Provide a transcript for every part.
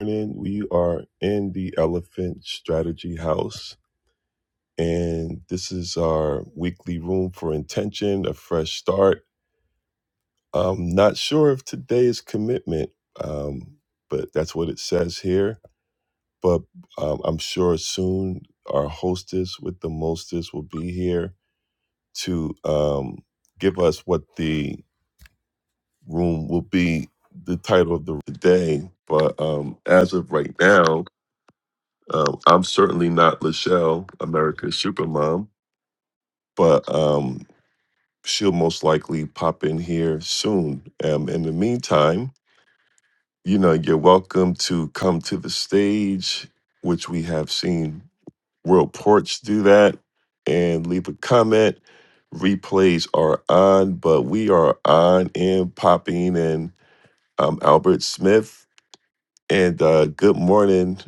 morning. We are in the Elephant Strategy House, and this is our weekly room for intention, a fresh start. I'm not sure if today is commitment, um, but that's what it says here. But um, I'm sure soon our hostess with the mostest will be here to um, give us what the room will be, the title of the day. But um, as of right now, Um, I'm certainly not Lachelle, America's supermom, but um, she'll most likely pop in here soon. Um, in the meantime, you know, you're welcome to come to the stage, which we have seen World Porch do that, and leave a comment. Replays are on, but we are on and popping, and I'm Albert Smith and uh, good morning,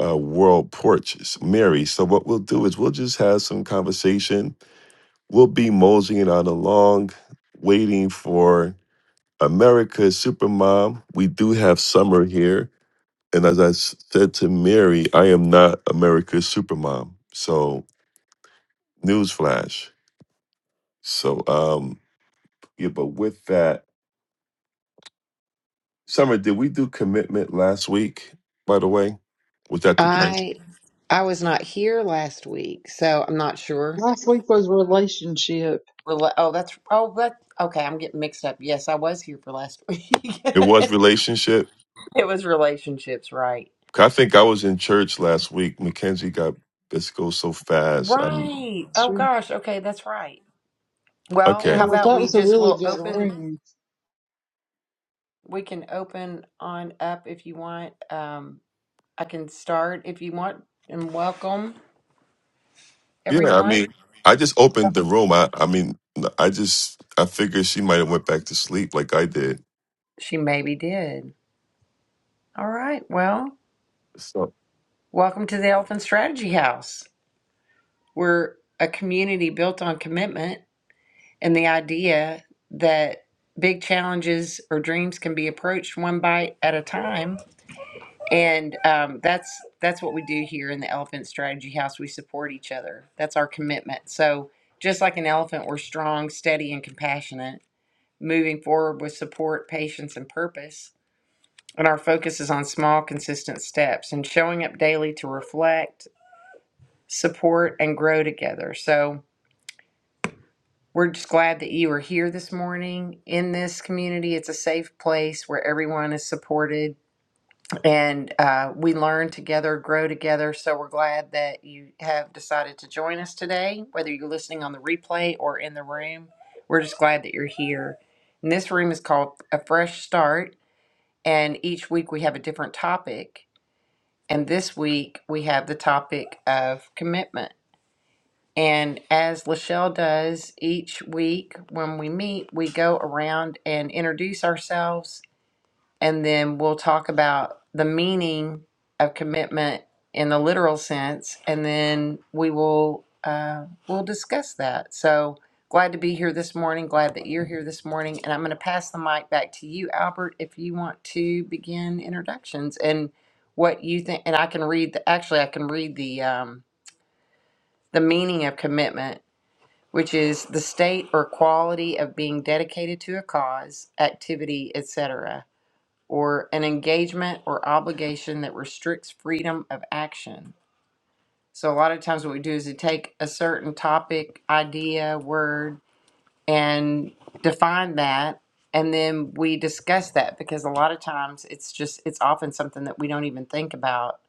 uh, World Porch, It's Mary. So what we'll do is we'll just have some conversation. We'll be moseying on along, waiting for America's Supermom. We do have summer here, and as I s- said to Mary, I am not America's Supermom. So newsflash. So um, yeah, but with that, Summer, did we do commitment last week? By the way, was that the thing? I I was not here last week, so I'm not sure. Last week was relationship. Well, oh, that's oh, that okay. I'm getting mixed up. Yes, I was here for last week. It was it relationship. was relationships, right? I think I was in church last week. Mackenzie got this goes so fast. I'm Right. Oh Sure. gosh. Okay, that's right. Well, Yeah, how okay. well, about that we was a just really will good open. room. We can open on up if you want. Um, I can start if you want, and welcome Yeah, I everyone. mean, I just opened the room. I, I mean, I just I figured she might have went back to sleep like I did. She maybe did. All right. Well, So welcome to the Elephant Strategy House. We're a community built on commitment and the idea that big challenges or dreams can be approached one bite at a time. And um, that's that's what we do here in the Elephant Strategy House. We support each other. That's our commitment. So just like an elephant, we're strong, steady, and compassionate, moving forward with support, patience, and purpose. And our focus is on small, consistent steps and showing up daily to reflect, support, and grow together. So We're just glad that you are here this morning in this community. It's a safe place where everyone is supported and uh, we learn together, grow together. So we're glad that you have decided to join us today, whether you're listening on the replay or in the room. We're just glad that you're here. And this room is called A Fresh Start, and each week we have a different topic. And this week we have the topic of commitment. And as Lachelle does each week when we meet, we go around and introduce ourselves, and then we'll talk about the meaning of commitment in the literal sense, and then we will uh, we'll discuss that. So glad to be here this morning. Glad that you're here this morning, and I'm going to pass the mic back to you, Albert, if you want to begin introductions and what you think. And I can read the actually I can read the um, the meaning of commitment which is the state or quality of being dedicated to a cause, activity, etc., or an engagement or obligation that restricts freedom of action. So, a lot of times, what we do is we take a certain topic, idea, word, and define that, and then we discuss that because a lot of times it's just, it's often something that we don't even think about.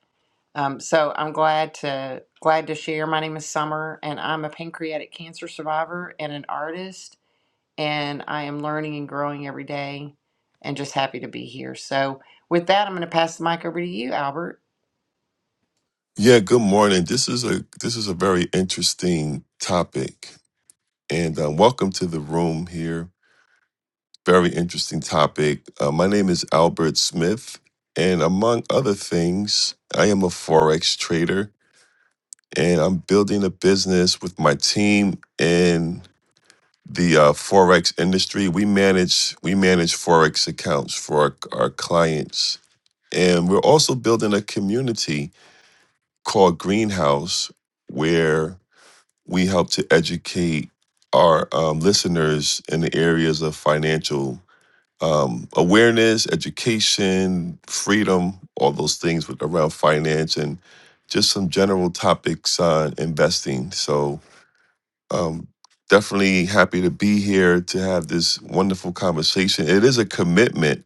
Um, so I'm glad to glad to share. My name is Summer, and I'm a pancreatic cancer survivor and an artist and I am learning and growing every day and just happy to be here. So with that, I'm going to pass the mic over to you, Albert. yeah, good morning. This is a this is a very interesting topic, and uh, welcome to the room here. Very interesting topic. Uh, my name is Albert Smith, and among other things, I am a forex trader and I'm building a business with my team in the uh, forex industry. We manage we manage forex accounts for our, our clients, and we're also building a community called Greenhouse, where we help to educate our um, listeners in the areas of financial um, awareness, education, freedom, all those things with, around finance and just some general topics on investing. So um, definitely happy to be here to have this wonderful conversation. It is a commitment.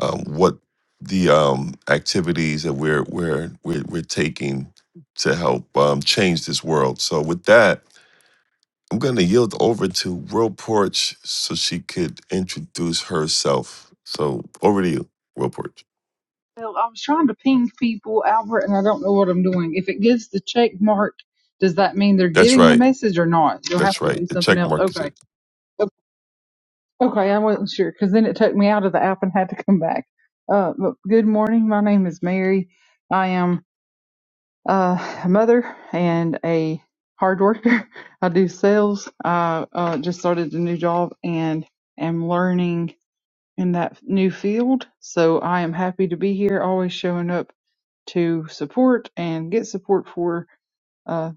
Um, what the um, activities that we're we're we're, we're taking to help um, change this world. So with that, I'm going to yield over to World Porch so she could introduce herself. So over to you, World Porch. Well, I was trying to ping people, Albert, and I don't know what I'm doing. If it gives the check mark, does that mean they're That's getting the right. message or not? You'll have That's to right. do The something check else. mark is Okay. it. O- Okay, I wasn't sure because then it took me out of the app and had to come back. Uh, but good morning. My name is Mary. I am uh, a mother and a hard worker. I do sales. I uh, just started a new job and am learning in that new field. So I am happy to be here, always showing up to support and get support for uh,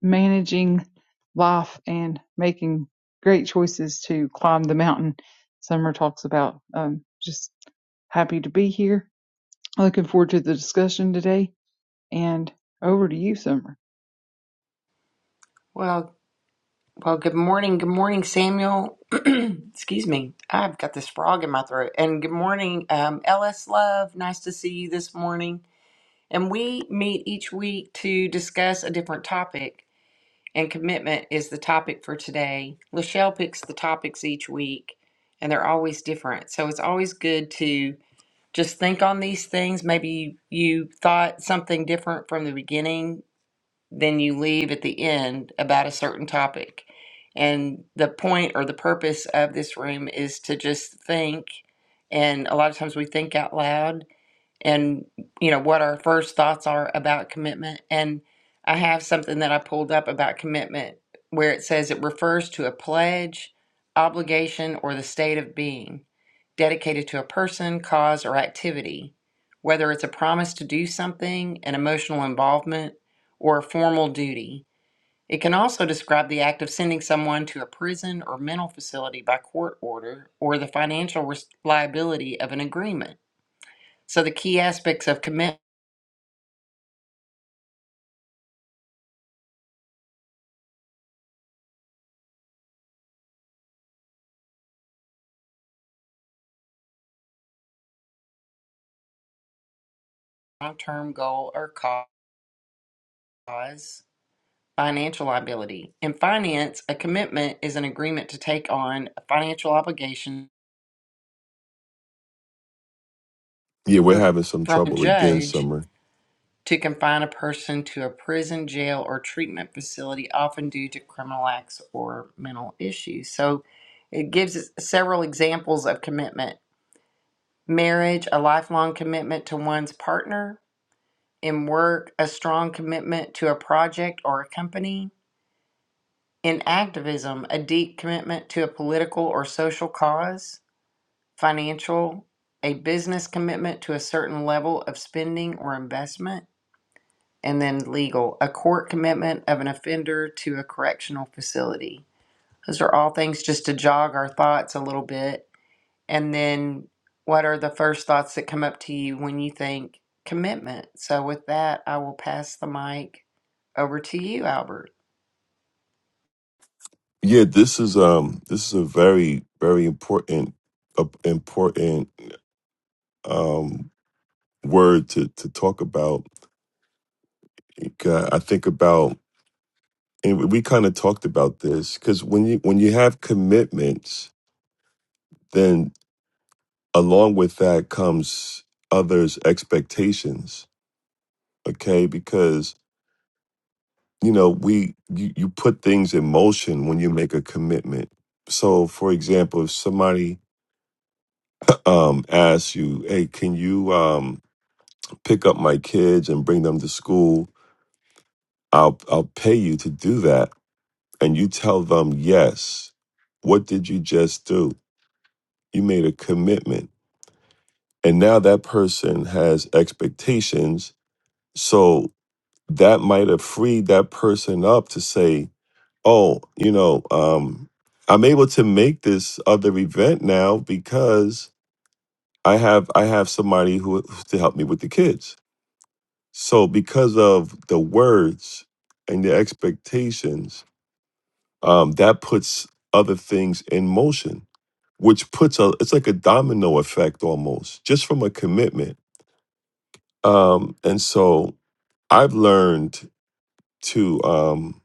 managing life and making great choices to climb the mountain. Summer talks about um, just happy to be here. Looking forward to the discussion today. And over to you, Summer. Well, well, good morning. Good morning, Samuel. Excuse me. I've got this frog in my throat. And good morning, um, LS Love. Nice to see you this morning. And we meet each week to discuss a different topic, and commitment is the topic for today. Lachelle picks the topics each week, and they're always different. So it's always good to just think on these things. Maybe you thought something different from the beginning than you leave at the end about a certain topic. And the point or the purpose of this room is to just think. And a lot of times we think out loud and, you know, what our first thoughts are about commitment. And I have something that I pulled up about commitment where it says it refers to a pledge, obligation, or the state of being dedicated to a person, cause, or activity, whether it's a promise to do something, an emotional involvement, or a formal duty. It can also describe the act of sending someone to a prison or mental facility by court order or the financial liability of an agreement. So the key aspects of commitment, long-term goal or cause, financial liability. In finance, a commitment is an agreement to take on a financial obligation Yeah, we're from having some a trouble again, judge Summer. to confine a person to a prison, jail, or treatment facility, often due to criminal acts or mental issues. So it gives us several examples of commitment marriage, a lifelong commitment to one's partner, in work, a strong commitment to a project or a company, in activism, a deep commitment to a political or social cause, financial, a business commitment to a certain level of spending or investment And then legal, a court commitment of an offender to a correctional facility. Those are all things just to jog our thoughts a little bit. And then what are the first thoughts that come up to you when you think commitment? So, with that, I will pass the mic over to you, Albert. Yeah, this is um this is a very very important uh, important um word to to talk about. Uh, I think about and we kind of talked about this cuz when you when you have commitments, then along with that comes others expectations, okay? Because you know, we you, you put things in motion when you make a commitment. So, for example, if somebody um asks you, "Hey, can you um pick up my kids and bring them to school. I'll I'll pay you to do that. And you tell them yes. What did you just do? You made a commitment. And now that person has expectations. So that might have freed that person up to say, oh, you know, um, I'm able to make this other event now because I have I have somebody who to help me with the kids So because of the words and the expectations, um, that puts other things in motion, which puts a it's like a domino effect almost, just from a commitment. Um, and so I've learned to um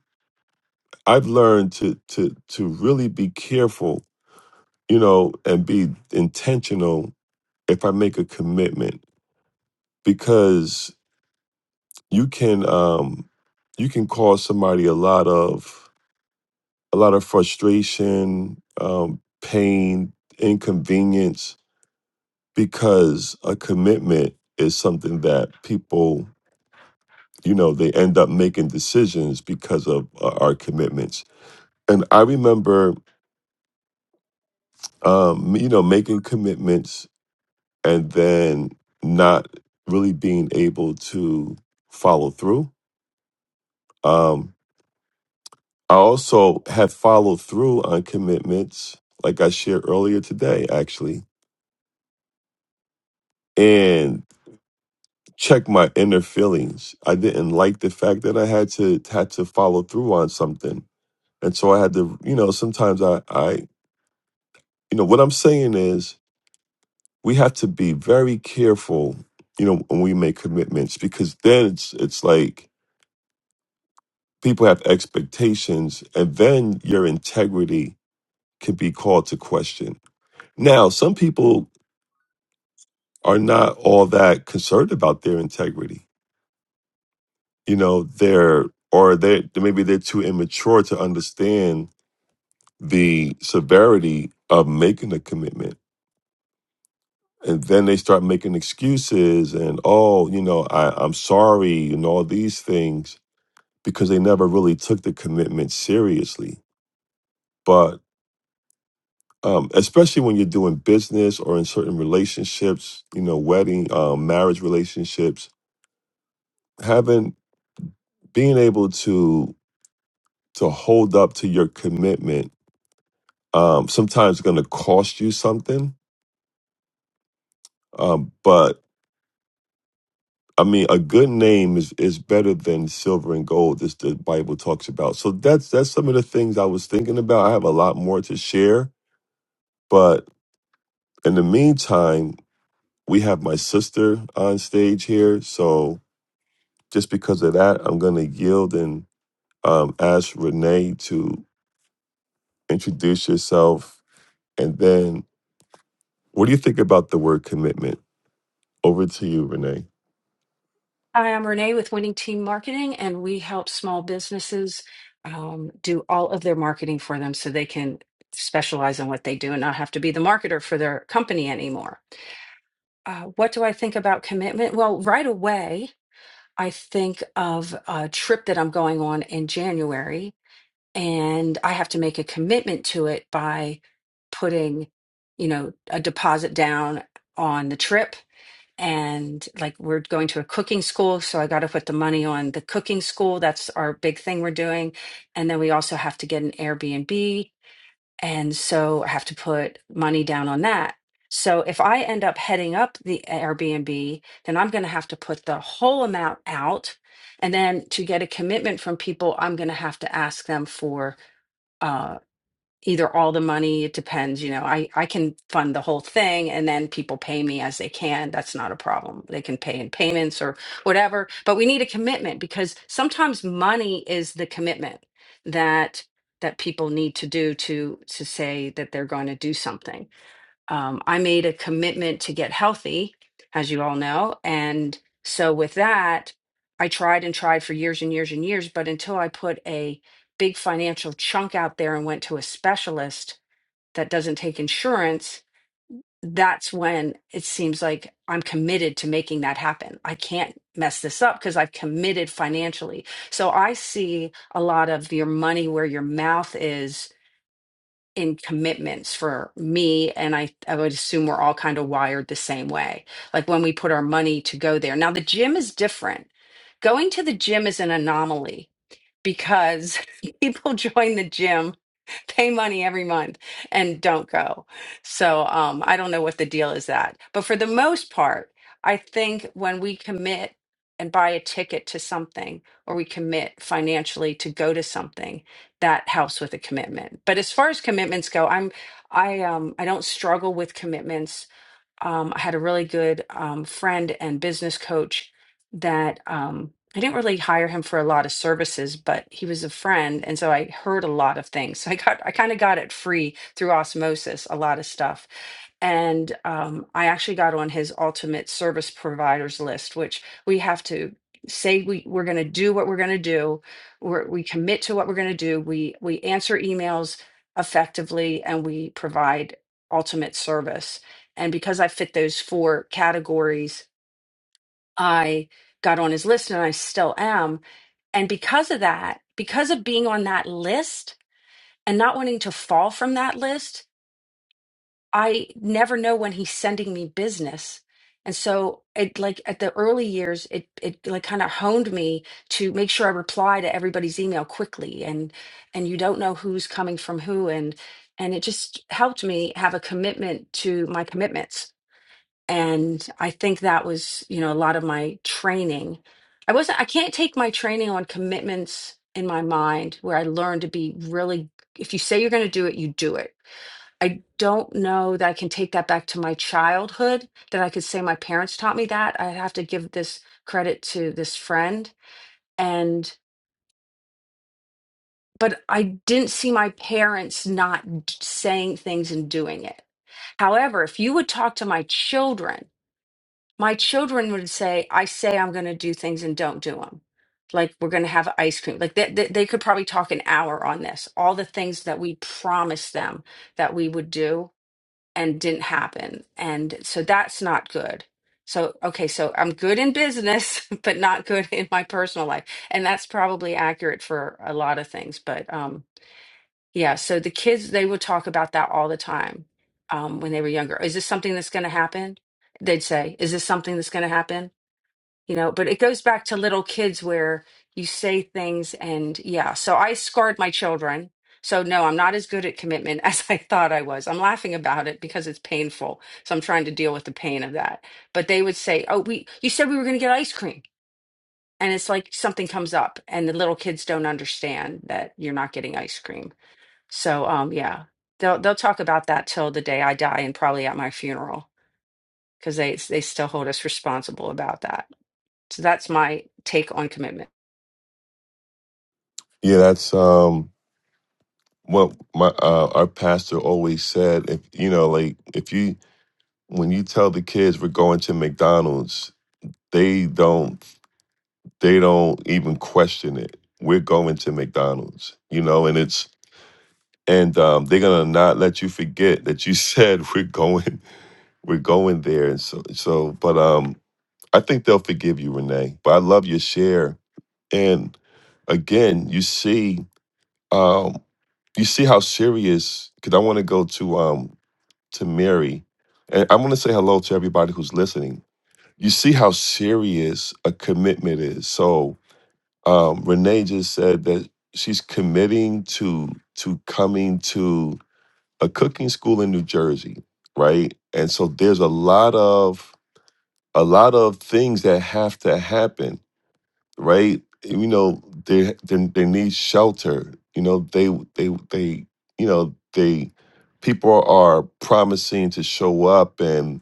I've learned to to to really be careful, you know, and be intentional if I make a commitment because you can um you can cause somebody a lot of a lot of frustration, um, pain, inconvenience, because a commitment is something that people, you know, they end up making decisions because of uh, our commitments. And I remember, um, you know, making commitments and then not really being able to follow through. Um, I also had followed through on commitments, like I shared earlier today, actually. And check my inner feelings. I didn't like the fact that I had to had to follow through on something. And so I had to, you know, sometimes I I you know, what I'm saying is we have to be very careful, you know, when we make commitments because then it's it's like people have expectations and then your integrity can be called to question. Now, some people are not all that concerned about their integrity. You know, they're or they maybe they're too immature to understand the severity of making a commitment. And then they start making excuses and, oh, you know, I, I'm sorry, and all these things because they never really took the commitment seriously. But um, especially when you're doing business or in certain relationships, you know, wedding, um, marriage relationships, having being able to to hold up to your commitment um, sometimes going to cost you something, um, but I mean, a good name is is better than silver and gold. as the Bible talks about. So that's that's some of the things I was thinking about. I have a lot more to share, but in the meantime, we have my sister on stage here. So just because of that, I'm gonna yield and um, ask Renee to introduce yourself, and then what do you think about the word commitment? Over to you, Renee. Hi, I'm Renee with Winning Team Marketing, and we help small businesses um, do all of their marketing for them so they can specialize in what they do and not have to be the marketer for their company anymore. Uh, what do I think about commitment? Well, right away, I think of a trip that I'm going on in January, and I have to make a commitment to it by putting, you know, a deposit down on the trip and like we're going to a cooking school so i got to put the money on the cooking school that's our big thing we're doing and then we also have to get an airbnb and so i have to put money down on that so if i end up heading up the airbnb then i'm going to have to put the whole amount out and then to get a commitment from people i'm going to have to ask them for uh, either all the money it depends you know i i can fund the whole thing and then people pay me as they can that's not a problem they can pay in payments or whatever but we need a commitment because sometimes money is the commitment that that people need to do to to say that they're going to do something um, I made a commitment to get healthy, as you all know. And so with that, I tried and tried for years and years and years. But until I put a big financial chunk out there and went to a specialist that doesn't take insurance, that's when it seems like I'm committed to making that happen. I can't mess this up because I've committed financially. So I see a lot of your money where your mouth is in commitments for me and I I would assume we're all kind of wired the same way. Like when we put our money to go there. Now the gym is different. Going to the gym is an anomaly because people join the gym pay money every month and don't go. So um, I don't know what the deal is that. But for the most part, I think when we commit and buy a ticket to something or we commit financially to go to something, that helps with a commitment. But as far as commitments go, I'm I um I don't struggle with commitments um, I had a really good um, friend and business coach that um, I didn't really hire him for a lot of services, but he was a friend, and so I heard a lot of things. So I got I kind of got it free through osmosis, a lot of stuff. And um, I actually got on his ultimate service providers list, which we have to say we, we're going to do what we're going to do. We're, we commit to what we're going to do. We we answer emails effectively, and we provide ultimate service and because I fit those four categories, I got on his list and I still am. And because of that, because of being on that list and not wanting to fall from that list, I never know when he's sending me business. And so it like at the early years, it it like kind of honed me to make sure I reply to everybody's email quickly and and you don't know who's coming from who and and it just helped me have a commitment to my commitments and i think that was you know a lot of my training i wasn't i can't take my training on commitments in my mind where i learned to be really if you say you're going to do it you do it i don't know that i can take that back to my childhood that i could say my parents taught me that i have to give this credit to this friend and but i didn't see my parents not d- saying things and doing it however if you would talk to my children my children would say, I say I'm going to do things and don't do them. Like we're going to have ice cream. Like they, they, they could probably talk an hour on this. All the things that we promised them that we would do and didn't happen. And so that's not good. So, okay, so I'm good in business, but not good in my personal life. And that's probably accurate for a lot of things. But, um, yeah, so the kids, they would talk about that all the time um, when they were younger. Is this something that's going to happen? They'd say, Is this something that's going to happen? You know, but it goes back to little kids where you say things and yeah. So I scarred my children. So no, I'm not as good at commitment as I thought I was. I'm laughing about it because it's painful. So I'm trying to deal with the pain of that. But they would say, Oh, we, you said we were going to get ice cream. And it's like something comes up and the little kids don't understand that you're not getting ice cream so um yeah, they'll they'll talk about that till the day I die and probably at my funeral because they they still hold us responsible about that. So that's my take on commitment. Yeah, that's um what my uh our pastor always said. If you know, like if you when you tell the kids we're going to McDonald's, they don't. they don't even question it. We're going to McDonald's, you know, and it's and um, they're gonna not let you forget that you said we're going, we're going there, and so so. But um, I think they'll forgive you, Renee. But I love your share, and again, you see, um, you see how serious. Because I want to go to um to Mary, and I want to say hello to everybody who's listening. You see how serious a commitment is. So um, Renee just said that she's committing to to coming to a cooking school in New Jersey, right? And so there's a lot of a lot of things that have to happen, right? You know, they they, they need shelter. You know, they they they you know they people are promising to show up and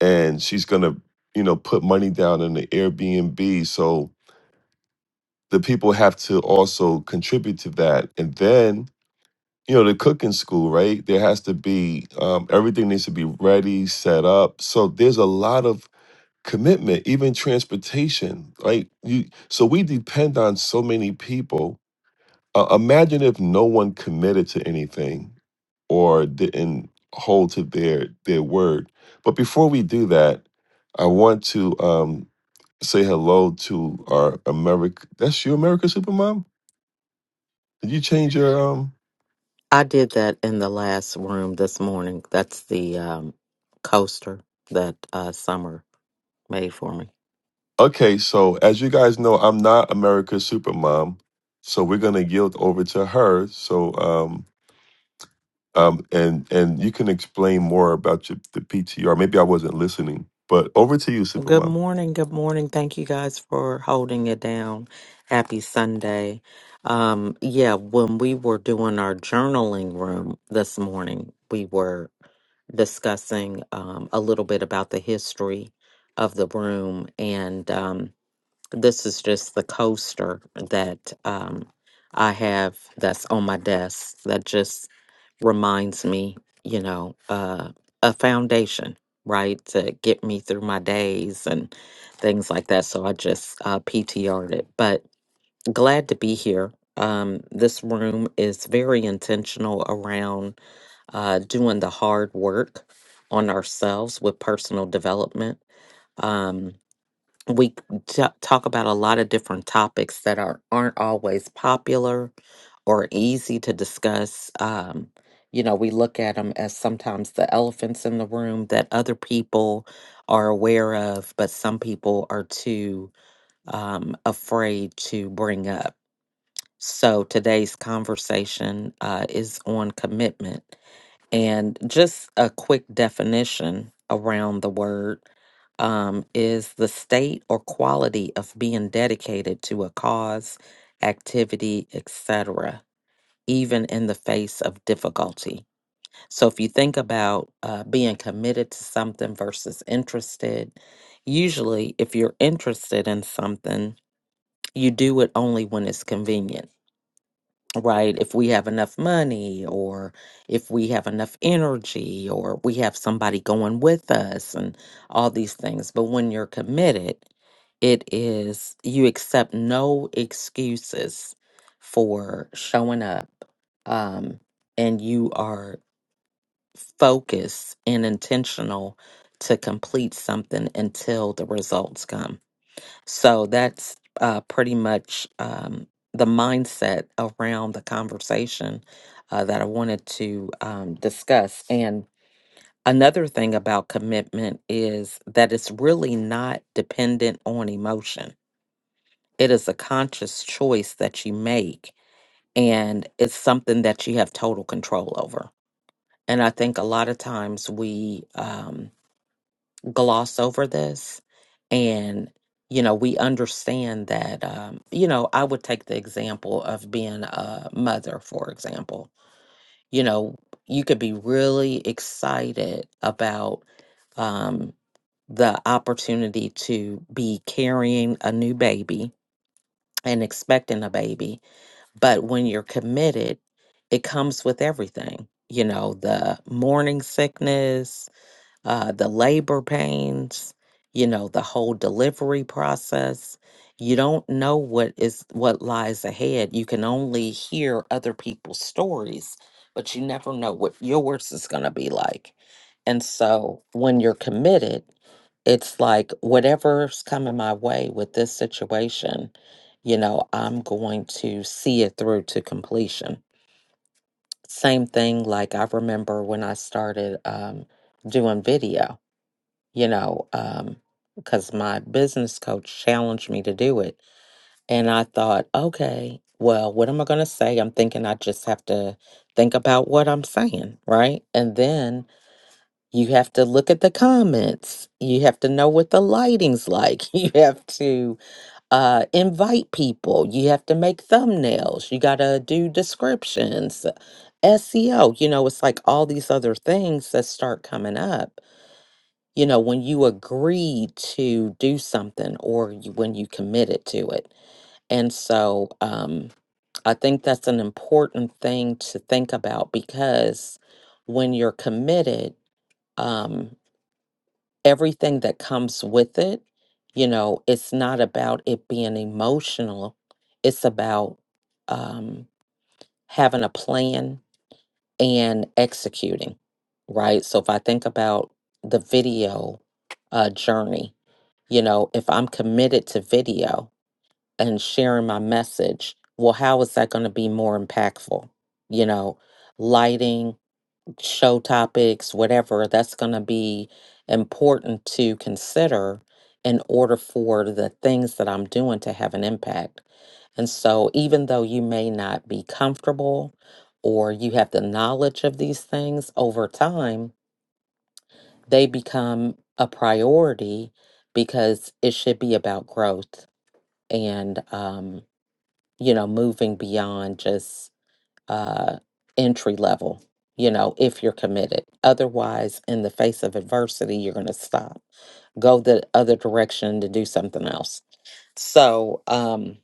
and she's gonna you know put money down in the Airbnb so the people have to also contribute to that. And then, you know, the cooking school, right? There has to be um, everything needs to be ready, set up. So there's a lot of commitment, even transportation. right? you, so we depend on so many people. Uh, imagine if no one committed to anything or didn't hold to their their word. But before we do that, I want to um, say hello to our America. That's you, America Supermom. Did you change your um? I did that in the last room this morning. That's the um, coaster that uh, Summer made for me. Okay, so as you guys know, I'm not America's supermom, so we're gonna yield over to her. So um um and and you can explain more about your, the PTR. Maybe I wasn't listening, but over to you, Well, Good supermom. morning. Good morning. Thank you guys for holding it down. Happy Sunday. Um, yeah, when we were doing our journaling room this morning, we were discussing um, a little bit about the history of the room. And um, This is just the coaster that um, I have that's on my desk that just reminds me, you know, uh, a foundation, right, to get me through my days and things like that. So I just uh, PTR'd it. But glad to be here. Um, this room is very intentional around uh, doing the hard work on ourselves with personal development. Um, we t- talk about a lot of different topics that are aren't always popular or easy to discuss. Um, you know, we look at them as sometimes the elephants in the room that other people are aware of, but some people are too um, afraid to bring up. So today's conversation uh, is on commitment. And just a quick definition around the word um, is the state or quality of being dedicated to a cause, activity, etc., even in the face of difficulty. So if you think about uh, being committed to something versus interested, usually if you're interested in something, you do it only when it's convenient right? If we have enough money or if we have enough energy or we have somebody going with us and all these things. But when you're committed, it is you accept no excuses for showing up um, and you are focused and intentional to complete something until the results come so that's uh, pretty much um, the mindset around the conversation uh, that I wanted to um, discuss. And another thing about commitment is that it's really not dependent on emotion, it is a conscious choice that you make, and it's something that you have total control over. And I think a lot of times we, um. gloss over this and you know we understand that um you know i would take the example of being a mother for example you know you could be really excited about um the opportunity to be carrying a new baby and expecting a baby but when you're committed it comes with everything you know the morning sickness uh, the labor pains, you know, the whole delivery process. You don't know what is what lies ahead. You can only hear other people's stories, but you never know what yours is going to be like. And so when you're committed, it's like whatever's coming my way with this situation, you know, I'm going to see it through to completion. Same thing, like I remember when I started um, doing video you know, um, because my business coach challenged me to do it. And I thought, okay, well, what am I going to say? I'm thinking I just have to think about what I'm saying, right? And then you have to look at the comments. You have to know what the lighting's like. You have to uh, invite people. You have to make thumbnails. You got to do descriptions, SEO. You know, it's like all these other things that start coming up you know, when you agree to do something or you, when you committed to it. And so um, I think that's an important thing to think about because when you're committed, um, everything that comes with it, you know, it's not about it being emotional, it's about um, having a plan and executing, right? So if I think about the video uh, journey, you know, if I'm committed to video and sharing my message, well, how is that going to be more impactful? You know, lighting, show topics, whatever, that's going to be important to consider in order for the things that I'm doing to have an impact. And so, even though you may not be comfortable or you have the knowledge of these things over time, they become a priority because it should be about growth and, um, you know, moving beyond just uh, entry level, you know, if you're committed. Otherwise, in the face of adversity, you're going to stop, go the other direction to do something else. So um,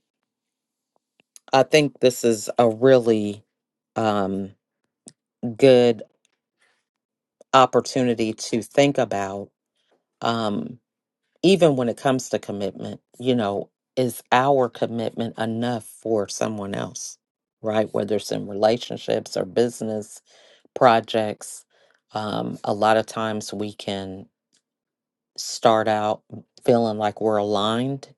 I think this is a really um, good opportunity to think about, um, even when it comes to commitment, you know, is our commitment enough for someone else? Right, whether it's in relationships or business, projects, um, a lot of times we can start out feeling like we're aligned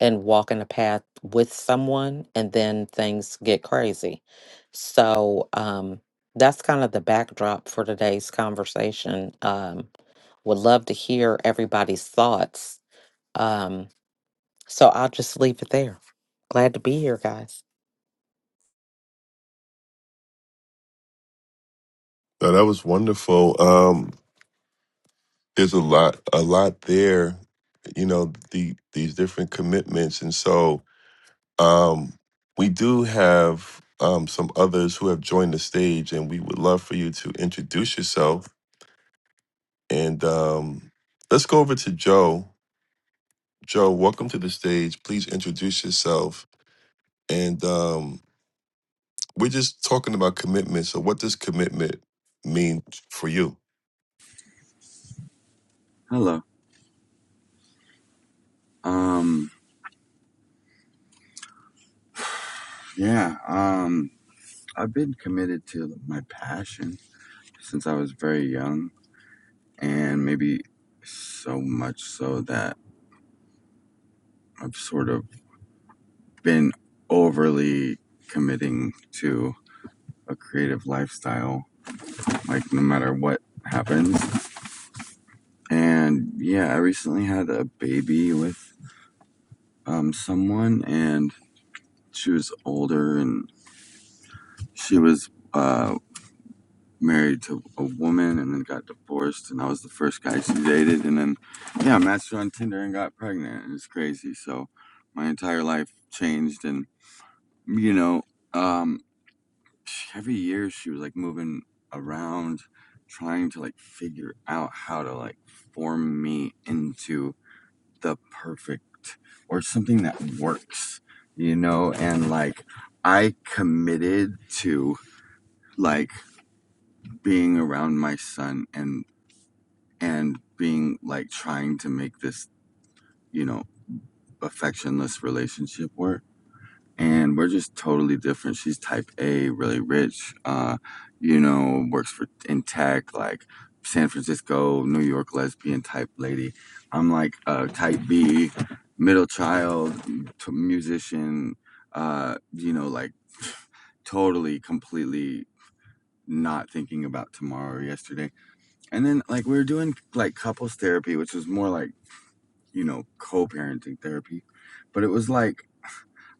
and walking a path with someone, and then things get crazy. So um, that's kind of the backdrop for today's conversation. Um, would love to hear everybody's thoughts. Um, so I'll just leave it there. Glad to be here, guys. No, that was wonderful. Um, there's a lot, a lot there. You know, the these different commitments, and so Um, we do have um, some others who have joined the stage, and we would love for you to introduce yourself. And um, let's go over to Joe. Joe, welcome to the stage. Please introduce yourself. And um, we're just talking about commitment. So, what does commitment mean for you? Hello. Um, yeah, um, I've been committed to my passion since I was very young, and maybe so much so that I've sort of been overly committing to a creative lifestyle, like no matter what happens. And yeah, I recently had a baby with um, someone, and she was older, and she was. Uh, married to a woman and then got divorced and I was the first guy she dated and then yeah, matched her on Tinder and got pregnant and it's crazy. So my entire life changed and you know, um every year she was like moving around trying to like figure out how to like form me into the perfect or something that works, you know, and like I committed to like being around my son and and being like trying to make this, you know, affectionless relationship work. And we're just totally different. She's type A, really rich, uh, you know, works for in tech, like San Francisco, New York lesbian type lady. I'm like uh, type B, middle child, t- musician, uh, you know, like totally, completely not thinking about tomorrow or yesterday. And then like we were doing like couples therapy, which was more like you know, co-parenting therapy. But it was like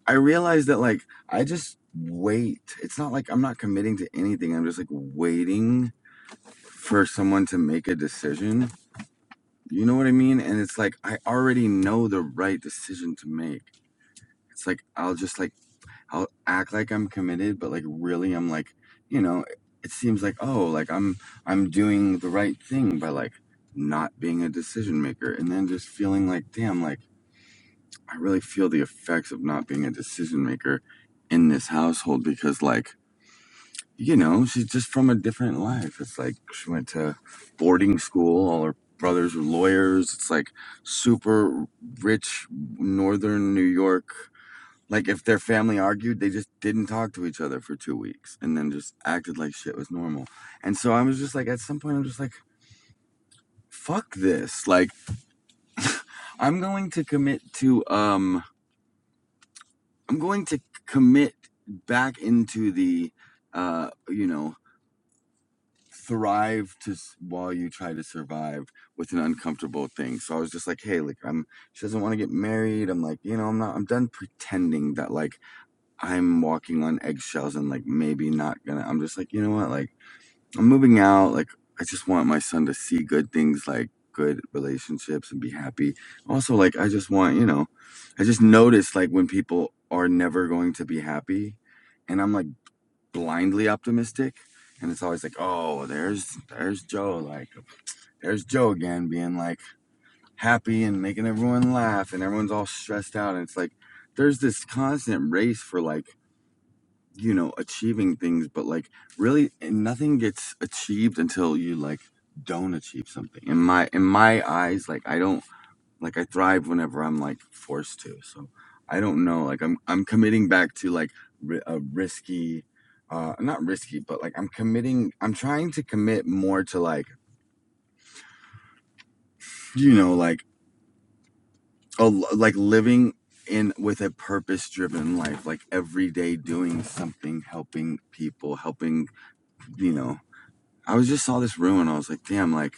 I realized that like I just wait. It's not like I'm not committing to anything. I'm just like waiting for someone to make a decision. You know what I mean? And it's like I already know the right decision to make. It's like I'll just like I'll act like I'm committed, but like really I'm like, you know, it seems like oh, like I'm I'm doing the right thing by like not being a decision maker and then just feeling like damn like I really feel the effects of not being a decision maker in this household because, like, you know, she's just from a different life. It's like she went to boarding school, all her brothers were lawyers. It's like super rich northern New York. Like, if their family argued, they just didn't talk to each other for two weeks and then just acted like shit was normal. And so I was just like, at some point, I'm just like, fuck this. Like, I'm going to commit to, um, I'm going to commit back into the, uh, you know, thrive to s- while you try to survive with an uncomfortable thing. So I was just like, hey, like I'm. She doesn't want to get married. I'm like, you know, I'm not. I'm done pretending that like I'm walking on eggshells and like maybe not gonna. I'm just like, you know what, like. I'm moving out. Like, I just want my son to see good things, like good relationships and be happy. Also, like, I just want, you know, I just notice like when people are never going to be happy and I'm like blindly optimistic. And it's always like, oh, there's, there's Joe. Like, there's Joe again being like happy and making everyone laugh and everyone's all stressed out. And it's like, there's this constant race for like, you know, achieving things, but like really nothing gets achieved until you like don't achieve something. In my in my eyes, like I don't like I thrive whenever I'm like forced to. So I don't know, like I'm I'm committing back to like ri- a risky uh not risky, but like I'm committing I'm trying to commit more to like you know, like a l- like living in with a purpose driven life like every day doing something helping people helping you know I was just saw this room and I was like, damn, like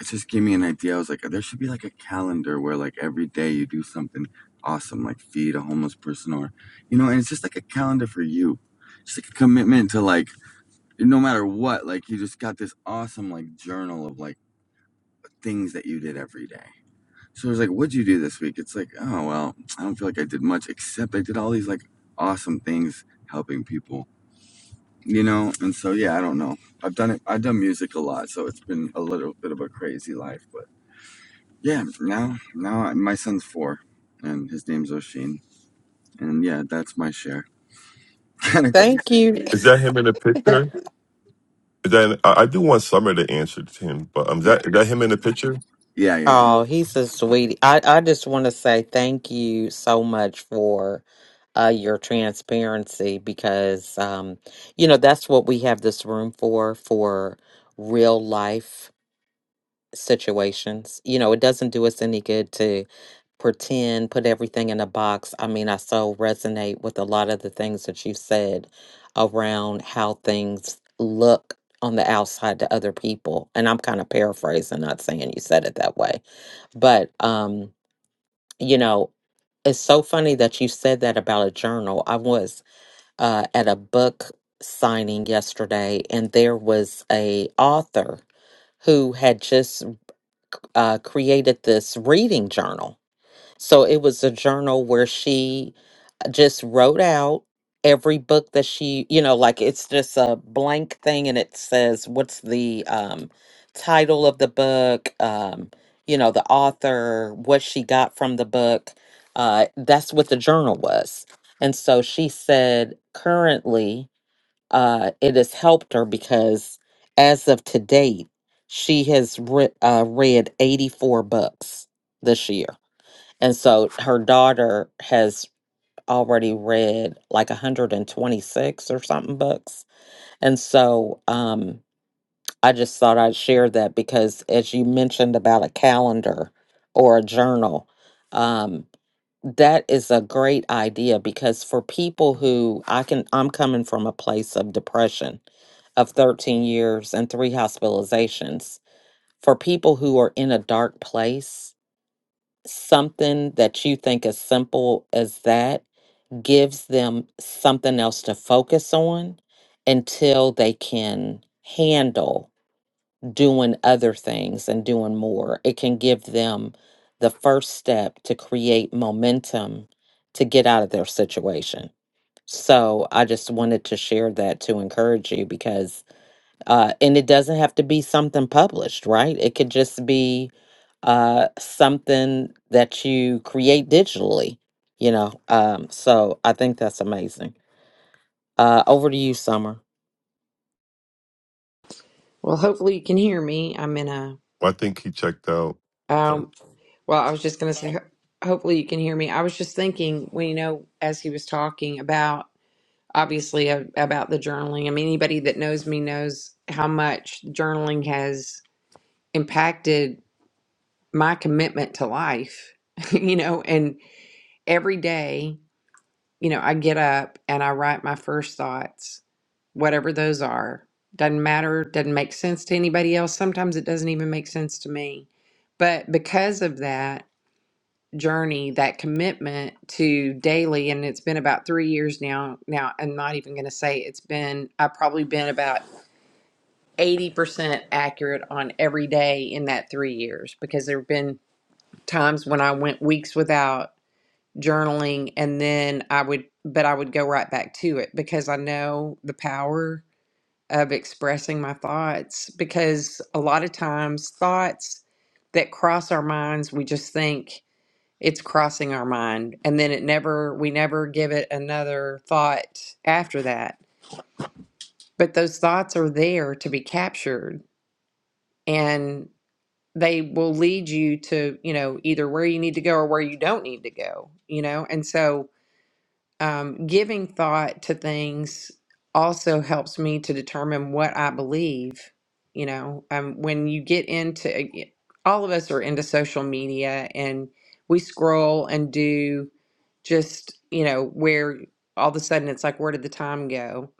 it just gave me an idea. I was like, there should be like a calendar where like every day you do something awesome, like feed a homeless person or you know, and it's just like a calendar for you. Just like a commitment to like no matter what, like you just got this awesome like journal of like things that you did every day. So I was like, what'd you do this week? It's like, oh well, I don't feel like I did much except I did all these like awesome things helping people you know and so yeah i don't know i've done it i've done music a lot so it's been a little bit of a crazy life but yeah now now I, my son's four and his name's oshin and yeah that's my share kind of Thank crazy you. Is that him in the picture? Is that I I do want Summer to answer to him, but um, is yeah that is that him in the picture? yeah yeah yeah. Oh, he's a sweetie. I, I just want to say thank you so much for. uh, your transparency because um, you know that's what we have this room for for real life situations you know it doesn't do us any good to pretend put everything in a box i mean i so resonate with a lot of the things that you said around how things look on the outside to other people and i'm kind of paraphrasing not saying you said it that way but um you know it's so funny that you said that about a journal. I was uh, at a book signing yesterday, and there was a author who had just uh, created this reading journal. So it was a journal where she just wrote out every book that she, you know, like it's just a blank thing, and it says what's the um, title of the book, um, you know, the author, what she got from the book. Uh, that's what the journal was. And so she said, currently, uh, it has helped her because as of to date, she has re- uh, read 84 books this year. And so her daughter has already read like 126 or something books. And so um, I just thought I'd share that because as you mentioned about a calendar or a journal, um, that is a great idea because for people who I can, I'm coming from a place of depression of 13 years and three hospitalizations. For people who are in a dark place, something that you think as simple as that gives them something else to focus on until they can handle doing other things and doing more. It can give them the first step to create momentum to get out of their situation. So I just wanted to share that to encourage you because, uh, and it doesn't have to be something published, right? It could just be uh, something that you create digitally, you know. Um, so I think that's amazing. Uh, over to you, Summer. Well, hopefully you can hear me. I'm in a I think he checked out. um well, I was just going to say ho- hopefully you can hear me. I was just thinking, well, you know, as he was talking about obviously a, about the journaling. I mean, anybody that knows me knows how much journaling has impacted my commitment to life, you know, and every day, you know, I get up and I write my first thoughts, whatever those are. Doesn't matter, doesn't make sense to anybody else. Sometimes it doesn't even make sense to me. But because of that, journey, that commitment to daily, and it's been about three years now. Now, I'm not even going to say it's been, I've probably been about 80% accurate on every day in that three years because there have been times when I went weeks without journaling and then I would, but I would go right back to it because I know the power of expressing my thoughts because a lot of times thoughts that cross our minds, we just think, it's crossing our mind and then it never we never give it another thought after that but those thoughts are there to be captured and they will lead you to you know either where you need to go or where you don't need to go you know and so um, giving thought to things also helps me to determine what I believe. You know, um, when you get into all of us are into social media and we scroll and do just, you know, where all of a sudden it's like, where did the time go?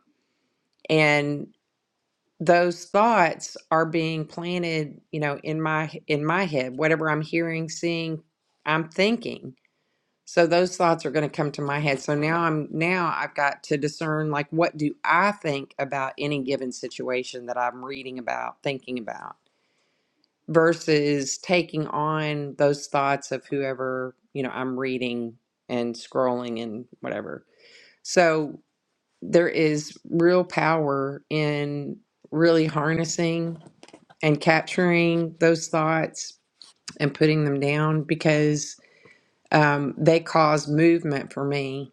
And those thoughts are being planted, you know, in my in my head, whatever I'm hearing, seeing, I'm thinking. So those thoughts are going to come to my head. So now I'm now I've got to discern like what do I think about any given situation that I'm reading about, thinking about versus taking on those thoughts of whoever, you know, I'm reading and scrolling and whatever. So there is real power in really harnessing and capturing those thoughts and putting them down because um, they cause movement for me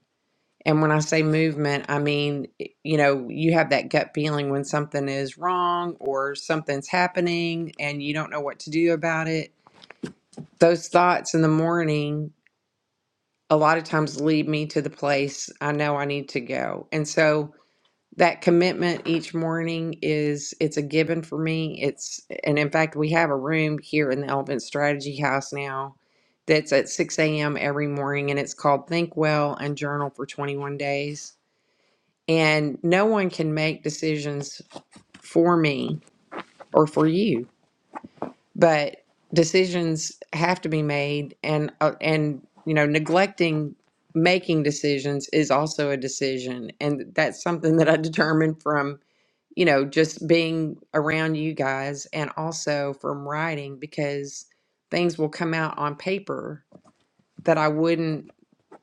And when I say movement, I mean, you know, you have that gut feeling when something is wrong or something's happening and you don't know what to do about it. Those thoughts in the morning a lot of times lead me to the place I know I need to go. And so that commitment each morning is it's a given for me. It's and in fact we have a room here in the Elephant Strategy House now that's at 6 a.m. every morning and it's called Think Well and Journal for 21 Days and no one can make decisions for me or for you but decisions have to be made and uh, and you know neglecting making decisions is also a decision and that's something that i determined from you know just being around you guys and also from writing because things will come out on paper that i wouldn't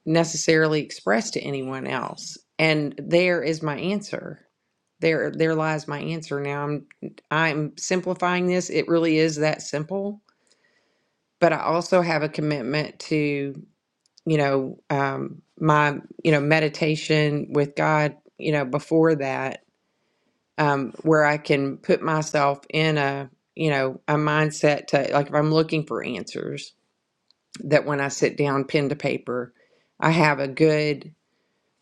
necessarily express to anyone else and there is my answer There, there lies my answer. Now I'm, I'm simplifying this. It really is that simple. But I also have a commitment to, you know, um, my, you know, meditation with God, you know, before that, um, where I can put myself in a, you know, a mindset to like if I'm looking for answers, that when I sit down, pen to paper, I have a good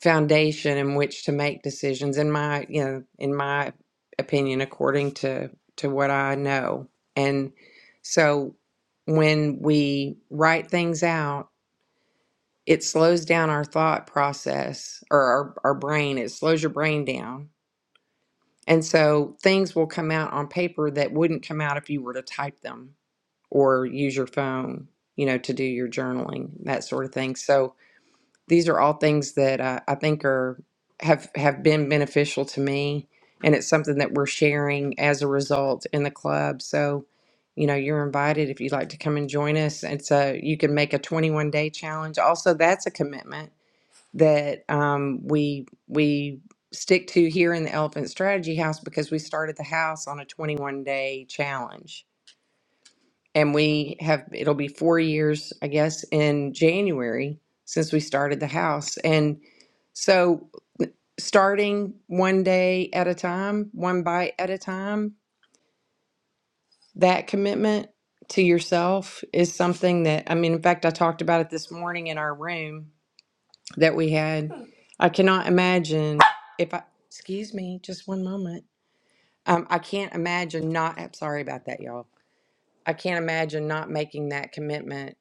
foundation in which to make decisions in my you know in my opinion according to to what i know and so when we write things out it slows down our thought process or our, our brain it slows your brain down and so things will come out on paper that wouldn't come out if you were to type them or use your phone you know to do your journaling that sort of thing so these are all things that I, I think are have have been beneficial to me and it's something that we're sharing as a result in the club so you know you're invited if you'd like to come and join us and so you can make a 21 day challenge also that's a commitment that um, we we stick to here in the elephant strategy house because we started the house on a 21 day challenge and we have, it'll be four years, I guess, in January since we started the house. And so, starting one day at a time, one bite at a time, that commitment to yourself is something that, I mean, in fact, I talked about it this morning in our room that we had. I cannot imagine if I, excuse me, just one moment. Um, I can't imagine not, I'm sorry about that, y'all. I can't imagine not making that commitment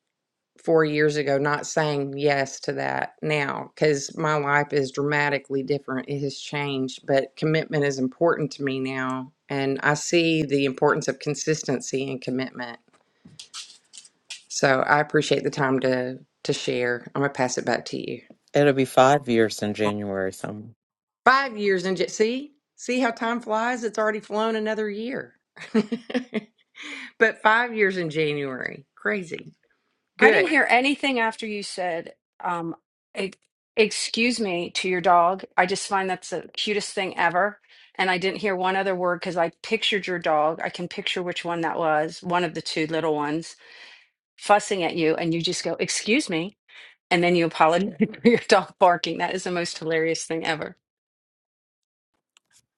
four years ago not saying yes to that now because my life is dramatically different. It has changed, but commitment is important to me now. And I see the importance of consistency and commitment. So I appreciate the time to to share. I'm gonna pass it back to you. It'll be five years in January, Summer. Five years in j- see see how time flies. It's already flown another year, but five years in January, crazy. I didn't Good. hear anything after you said um e- excuse me to your dog. I just find that's the cutest thing ever. And I didn't hear one other word because I pictured your dog. I can picture which one that was, one of the two little ones, fussing at you, and you just go, Excuse me. And then you apologize for your dog barking. That is the most hilarious thing ever.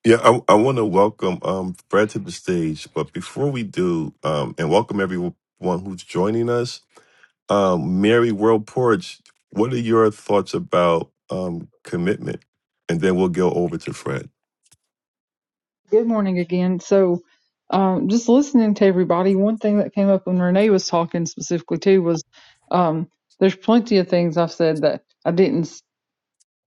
Yeah, I, I want to welcome um, Fred to the stage, but before we do, um, and welcome everyone who's joining us. Um, Mary World Porch, what are your thoughts about um, commitment? And then we'll go over to Fred. Good morning again. So, um, just listening to everybody, one thing that came up when Renee was talking specifically too was um, there's plenty of things I've said that I didn't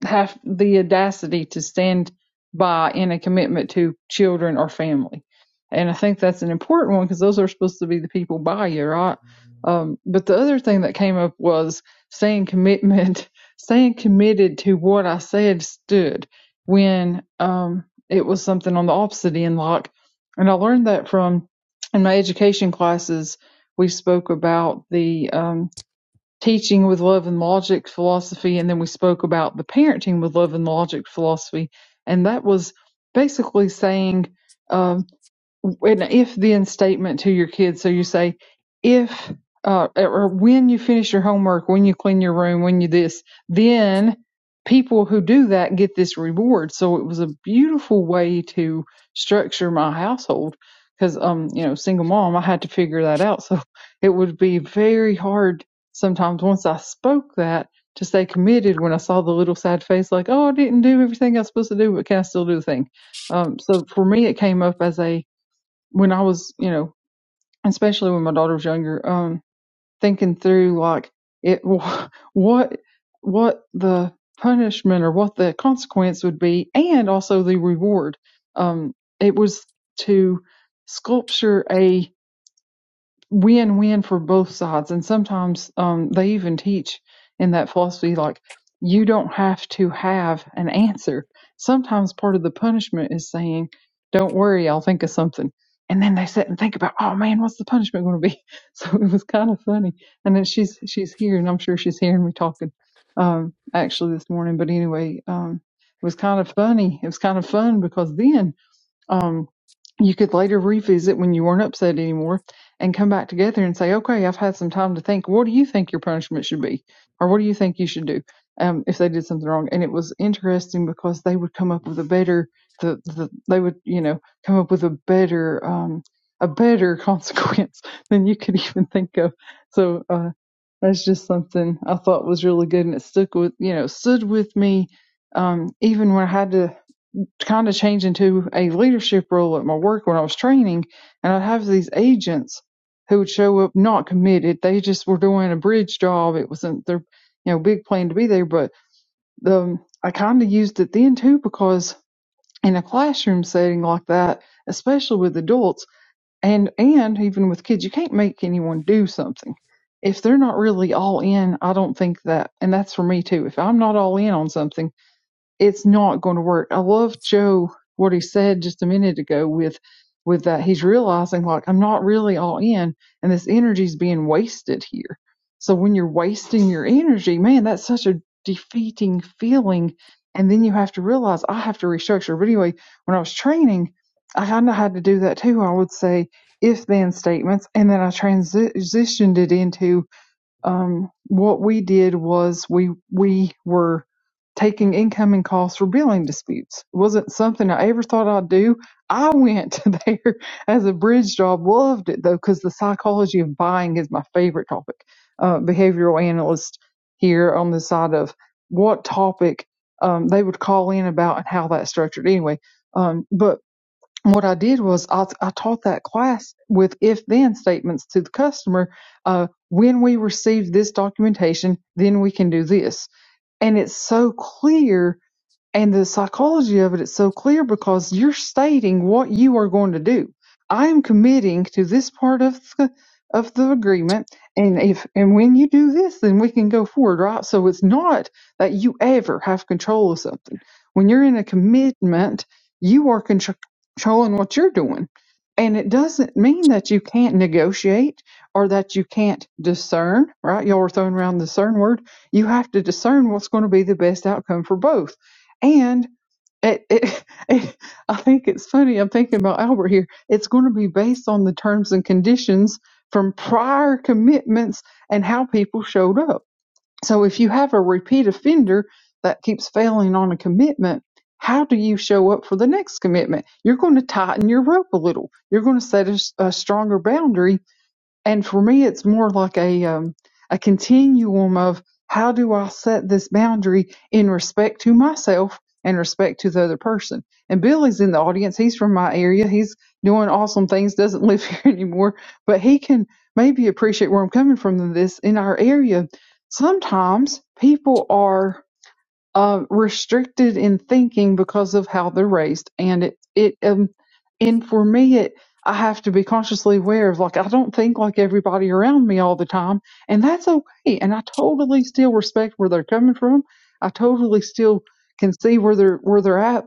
have the audacity to stand by in a commitment to children or family. And I think that's an important one because those are supposed to be the people by you, right? Um, but the other thing that came up was saying commitment, staying committed to what I said stood when um, it was something on the opposite end, like, and I learned that from in my education classes, we spoke about the um, teaching with love and logic philosophy and then we spoke about the parenting with love and logic philosophy and that was basically saying uh, an if then statement to your kids. So you say, if uh, or when you finish your homework, when you clean your room, when you this, then people who do that get this reward. So it was a beautiful way to structure my household because, um, you know, single mom, I had to figure that out. So it would be very hard sometimes once I spoke that to stay committed when I saw the little sad face, like, oh, I didn't do everything I was supposed to do, but can I still do the thing? Um, so for me, it came up as a when I was, you know, especially when my daughter was younger, um, thinking through like it, what, what the punishment or what the consequence would be, and also the reward. Um, it was to sculpture a win win for both sides. And sometimes um, they even teach in that philosophy like you don't have to have an answer. Sometimes part of the punishment is saying, "Don't worry, I'll think of something." And then they sit and think about, "Oh man, what's the punishment going to be?" So it was kind of funny. And then she's she's here, and I'm sure she's hearing me talking um, actually this morning. But anyway, um, it was kind of funny. It was kind of fun because then um, you could later revisit when you weren't upset anymore and come back together and say, okay, I've had some time to think. What do you think your punishment should be? Or what do you think you should do um, if they did something wrong? And it was interesting because they would come up with a better, the, the they would, you know, come up with a better, um, a better consequence than you could even think of. So, uh, that's just something I thought was really good and it stuck with, you know, stood with me. Um, even when I had to kind of change into a leadership role at my work when I was training, and I'd have these agents who would show up not committed. They just were doing a bridge job. It wasn't their you know big plan to be there, but the I kind of used it then too because in a classroom setting like that, especially with adults and and even with kids, you can't make anyone do something. If they're not really all in, I don't think that, and that's for me too. If I'm not all in on something, it's not going to work. I love Joe what he said just a minute ago with with that he's realizing like I'm not really all in and this energy's being wasted here. So when you're wasting your energy, man, that's such a defeating feeling. And then you have to realize I have to restructure. But anyway, when I was training, I kind of had to do that too. I would say if then statements, and then I transitioned it into um, what we did was we we were taking incoming calls for billing disputes. It wasn't something I ever thought I'd do. I went there as a bridge job, loved it though, because the psychology of buying is my favorite topic. Uh, behavioral analyst here on the side of what topic um, they would call in about and how that's structured. Anyway, um, but what I did was I, I taught that class with if then statements to the customer. Uh, when we receive this documentation, then we can do this. And it's so clear and the psychology of it is so clear because you're stating what you are going to do. I am committing to this part of the of the agreement, and if and when you do this, then we can go forward, right? So it's not that you ever have control of something. When you're in a commitment, you are contr- controlling what you're doing, and it doesn't mean that you can't negotiate or that you can't discern, right? Y'all are throwing around the discern word. You have to discern what's going to be the best outcome for both and it, it, it, I think it's funny. I'm thinking about Albert here. It's going to be based on the terms and conditions from prior commitments and how people showed up. So if you have a repeat offender that keeps failing on a commitment, how do you show up for the next commitment? You're going to tighten your rope a little. You're going to set a, s- a stronger boundary and for me it's more like a um, a continuum of how do I set this boundary in respect to myself and respect to the other person. And Billy's in the audience. He's from my area. He's doing awesome things. Doesn't live here anymore, but he can maybe appreciate where I'm coming from in this in our area. Sometimes people are uh, restricted in thinking because of how they're raised, and it it um and for me it I have to be consciously aware of like I don't think like everybody around me all the time, and that's okay. And I totally still respect where they're coming from. I totally still can see where they're where they're at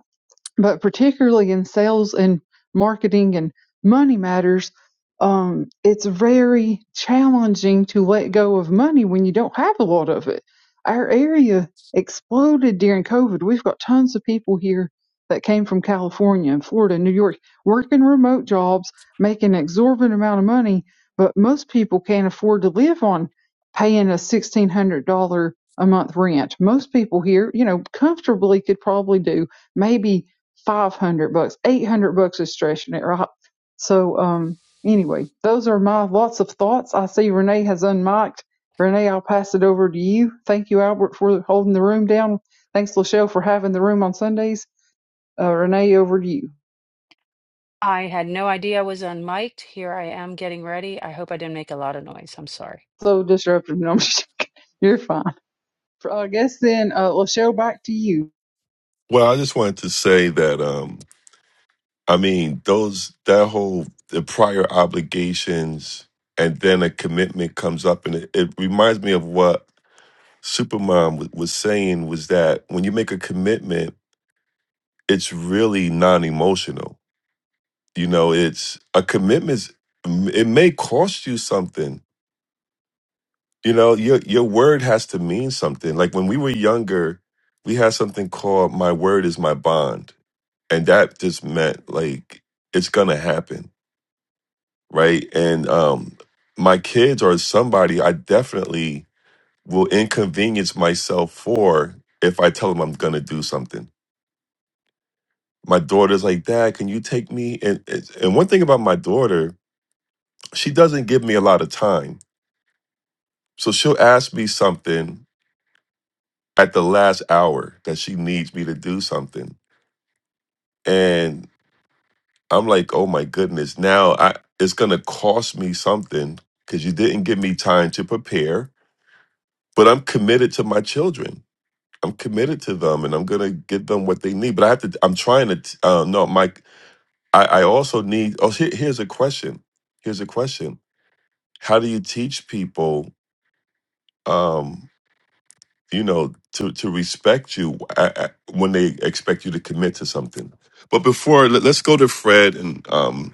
but particularly in sales and marketing and money matters, um, it's very challenging to let go of money when you don't have a lot of it. Our area exploded during COVID. We've got tons of people here that came from California and Florida and New York working remote jobs, making an exorbitant amount of money, but most people can't afford to live on paying a $1,600 a month rent. Most people here, you know, comfortably could probably do maybe 500 bucks 800 bucks is stretching it right so um anyway those are my lots of thoughts i see renee has unmiked renee i'll pass it over to you thank you albert for holding the room down thanks lachelle for having the room on sundays uh, renee over to you I had no idea I was unmiked. Here I am getting ready. I hope I didn't make a lot of noise. I'm sorry. so disruptive no, I'm just- you're fine i guess then uh, lachelle back to you Well, I just wanted to say that um, I mean those that whole the prior obligations, and then a commitment comes up, and it, it reminds me of what Supermom was, was saying was that when you make a commitment it's really non-emotional you know it's a commitment it may cost you something you know your your word has to mean something like when we were younger we had something called my word is my bond and that just meant like it's gonna happen right and um my kids or somebody i definitely will inconvenience myself for if i tell them i'm gonna do something my daughter's like dad can you take me and and one thing about my daughter she doesn't give me a lot of time. So she'll ask me something at the last hour that she needs me to do something. And I'm like, oh my goodness, now I it's gonna cost me something because you didn't give me time to prepare. But I'm committed to my children. I'm committed to them and I'm gonna give them what they need. But I have to I'm trying to t- uh no, Mike, I, I also need oh here, here's a question. Here's a question. How do you teach people Um, you know to to respect you uh, uh, when they expect you to commit to something but before let, let's go to fred and um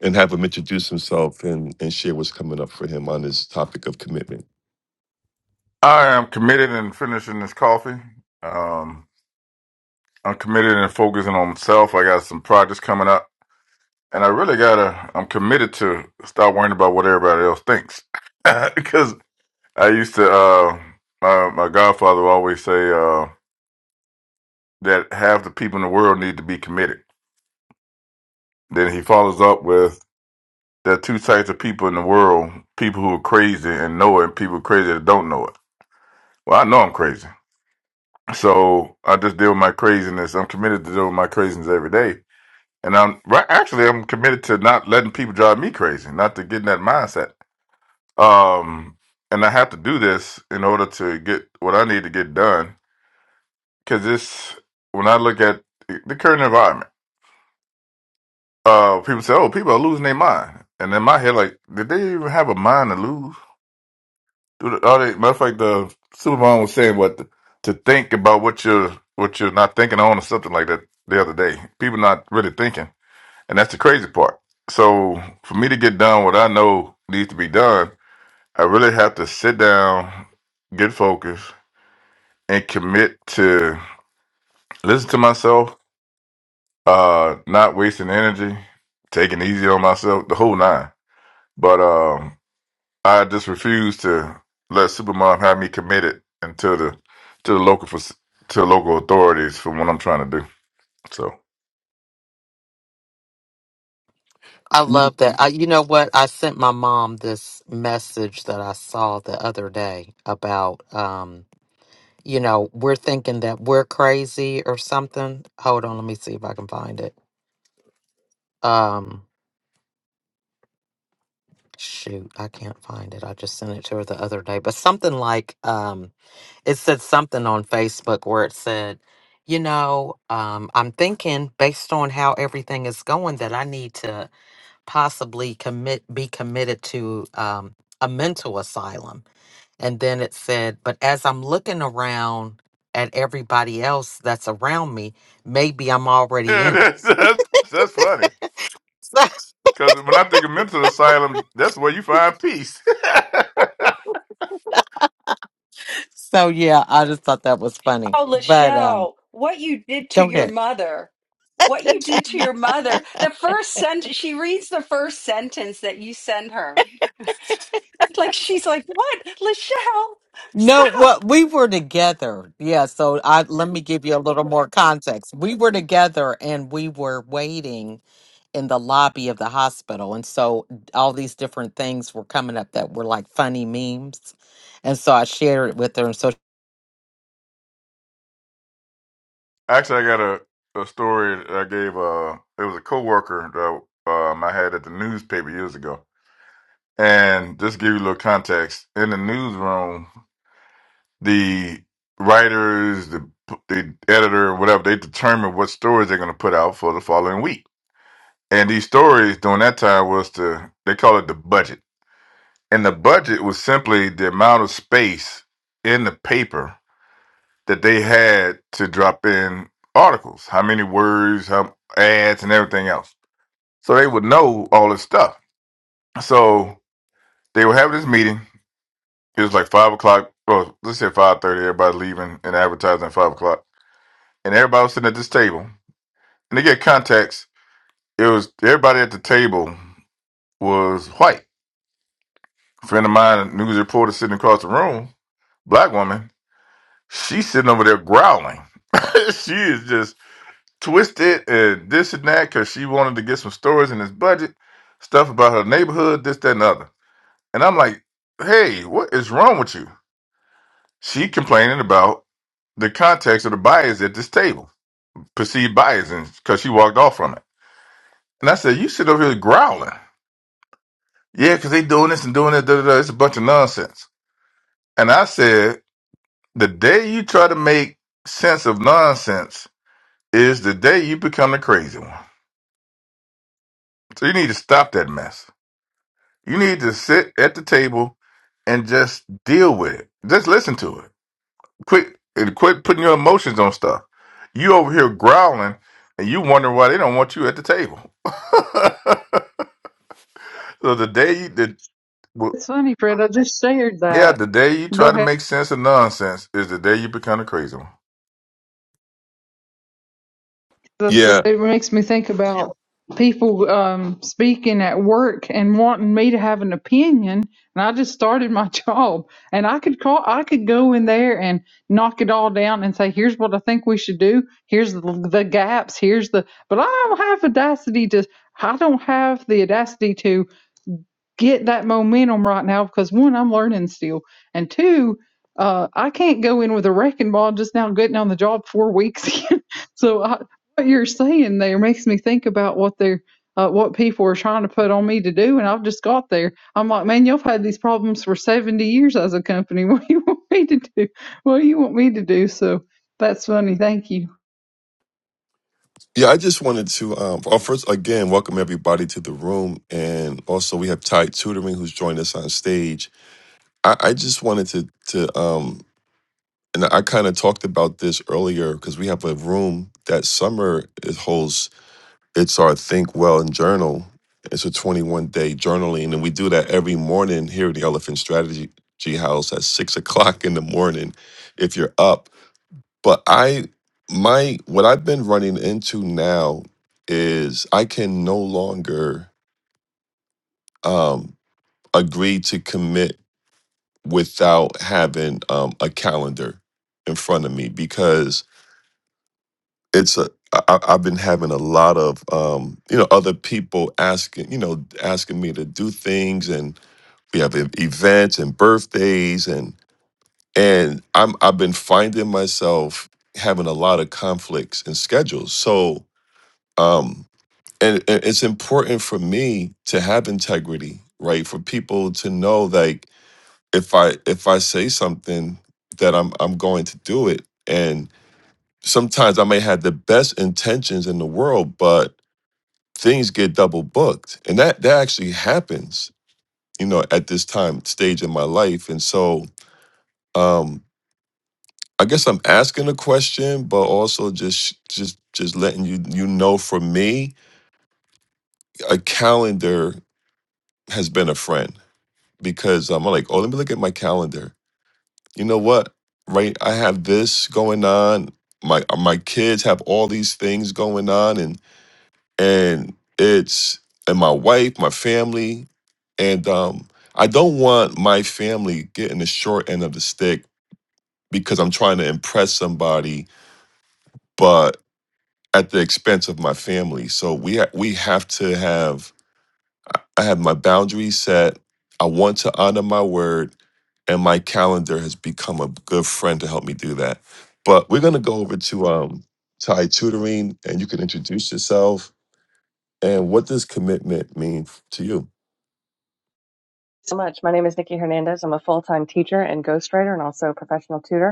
and have him introduce himself and and share what's coming up for him on this topic of commitment I am committed in finishing this coffee. Um, I'm committed in focusing on myself. I got some projects coming up, and I really gotta. I'm committed to stop worrying about what everybody else thinks, because I used to. Uh, my, my godfather would always say uh, that half the people in the world need to be committed. Then he follows up with there are two types of people in the world: people who are crazy and know it, and people crazy that don't know it. Well, I know I'm crazy. So I just deal with my craziness. I'm committed to dealing with my craziness every day. And I'm right actually I'm committed to not letting people drive me crazy, not to get in that mindset. Um and I have to do this in order to get what I need to get done. Cause this when I look at the current environment, uh people say, Oh, people are losing their mind. And in my head, like, did they even have a mind to lose? All the, matter of fact, the Superman was saying what to think about what you're what you're not thinking on or something like that the other day. People not really thinking, and that's the crazy part. So for me to get done what I know needs to be done, I really have to sit down, get focused, and commit to listen to myself, uh, not wasting energy, taking it easy on myself, the whole nine. But um, I just refuse to let Supermom have me committed until the to the local fac- to the local authorities for what I'm trying to do. So I Mhm. love that. I, you know what? I sent my mom this message that I saw the other day about, um, you know, we're thinking that we're crazy or something. Hold on, let me see if I can find it. Um, shoot, I can't find it. I just sent it to her the other day, but something like, um, it said something on Facebook where it said, you know, um, I'm thinking based on how everything is going that I need to. possibly commit be committed to um, a mental asylum and then it said but as i'm looking around at everybody else that's around me maybe i'm already yeah, in that's that's, that's funny it because when I think of mental asylum, that's where you find peace. so yeah i just thought that was funny Oh, but um Lachelle, what you did to go your ahead mother. What you did to your mother. The first sentence, she reads the first sentence that you send her. Like, she's like, what? Lachelle, No, well, stop. we were together. Yeah, so I let me give you a little more context. We were together and we were waiting in the lobby of the hospital. And so all these different things were coming up that were like funny memes. And so I shared it with her. And so Actually, I got a a story that I gave. Uh, it was a coworker that um I had at the newspaper years ago, and just to give you a little context in the newsroom. the writers, the the editor, whatever, they determine what stories they're going to put out for the following week. And these stories during that time was to they call it the budget, and the budget was simply the amount of space in the paper that they had to drop in articles, how many words, how ads, and everything else. So they would know all this stuff. So they would have this meeting. It was like five o'clock. Well, let's say five thirty. Everybody leaving and advertising at five o'clock and everybody was sitting at this table. And to get context, it was everybody at the table was white. A friend of mine, a news reporter sitting across the room, black woman, she's sitting over there growling. she is just twisted and this and that because she wanted to get some stories in this budget, stuff about her neighborhood, this, that, and the other. And I'm like, hey, what is wrong with you? She complaining about the context of the bias at this table, perceived bias, because she walked off from it. And I said, you sit over here growling. Yeah, because they doing this and doing that. Da, da, da. It's a bunch of nonsense. And I said, the day you try to make sense of nonsense is the day you become the crazy one. So you need to stop that mess. You need to sit at the table and just deal with it. Just listen to it. Quit and quit putting your emotions on stuff. You over here growling and you wondering why they don't want you at the table. so the day you, the, well, it's funny fred i just shared yeah, that the day you go try to ahead make sense of nonsense is the day you become the crazy one. That's, yeah it makes me think about people um, speaking at work and wanting me to have an opinion. And I just started my job, and I could call, I could go in there and knock it all down and say, "Here's what I think we should do. Here's the, the gaps. Here's the." But I don't have audacity to. I don't have the audacity to get that momentum right now because one, I'm learning still, and two, uh, I can't go in with a wrecking ball just now getting on the job four weeks in. so I, what you're saying there makes me think about what they're uh, what people are trying to put on me to do, and I've just got there. I'm like, man, you've had these problems for 70 years as a company. What do you want me to do? What do you want me to do? So that's funny. Thank you. yeah i just wanted to um oh, first again welcome everybody to the room and also we have ty tutoring who's joined us on stage i i just wanted to to um and I kind of talked about this earlier because we have a room that Summer is- holds It's our Think Well and Journal. It's a 21 day journaling, and we do that every morning here at the Elephant Strategy House at six o'clock in the morning if you're up. But I, my, what I've been running into now is I can no longer um, agree to commit without having um, a calendar in front of me because it's a I, I- I've been having a lot of um, you know other people asking you know asking me to do things, and we have e- events and birthdays, and and I'm I've been finding myself having a lot of conflicts and schedules. So um, and, and it's important for me to have integrity, right? For people to know like if I if I say something that I'm I'm going to do it, and sometimes I may have the best intentions in the world, but things get double booked and that that actually happens you know at this time stage in my life and so um i guess i'm asking a question but also just just just letting you you know for me a calendar has been a friend because um, i'm like oh let me look at my calendar you know what right i have this going on my my kids have all these things going on and. and it's and my wife, my family, and um, I don't want my family getting the short end of the stick because I'm trying to impress somebody, but at the expense of my family. So we ha- we have to have I I have my boundaries set. I want to honor my word, and my calendar has become a good friend to help me do that. But we're gonna go over to um Thai tutoring, and you can introduce yourself and what does commitment mean to you. so much. My name is Nikki Hernandez. I'm a full time teacher and ghostwriter and also a professional tutor.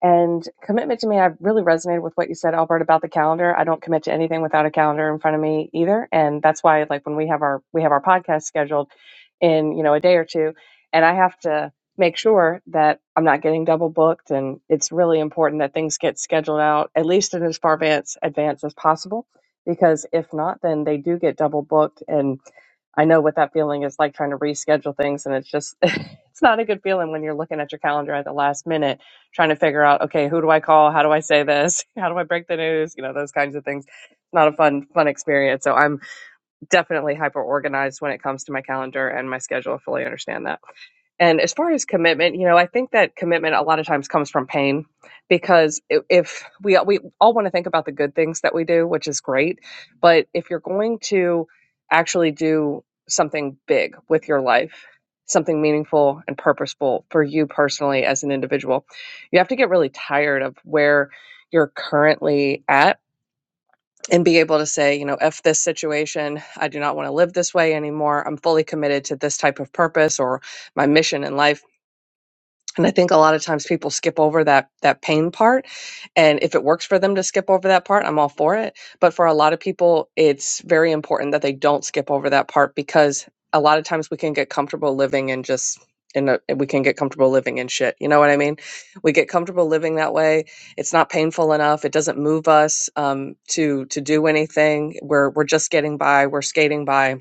And commitment to me, I really resonated with what you said, Albert, about the calendar. I don't commit to anything without a calendar in front of me either. And that's why like when we have our we have our podcast scheduled in, you know, a day or two, and I have to make sure that I'm not getting double booked. And it's really important that things get scheduled out at least in as far advance advance as possible. Because if not, then they do get double booked and I know what that feeling is like trying to reschedule things and it's just it's not a good feeling when you're looking at your calendar at the last minute trying to figure out, okay, who do I call? How do I say this? How do I break the news? You know, those kinds of things. Not a fun, fun experience. So I'm definitely hyper organized when it comes to my calendar and my schedule. I fully understand that. And as far as commitment, you know, I think that commitment a lot of times comes from pain because i- if we we all want to think about the good things that we do, which is great, but if you're going to actually do something big with your life, something meaningful and purposeful for you personally as an individual, you have to get really tired of where you're currently at and be able to say, you know, f this situation, I do not want to live this way anymore. I'm fully committed to this type of purpose or my mission in life and I think a lot of times people skip over that that pain part. And if it works for them to skip over that part, I'm all for it. But for a lot of people, it's very important that they don't skip over that part because a lot of times we can get comfortable living in just in a, we can get comfortable living in shit. You know what I mean? We get comfortable living that way. It's not painful enough. It doesn't move us um, to to do anything. We're we're just getting by. We're skating by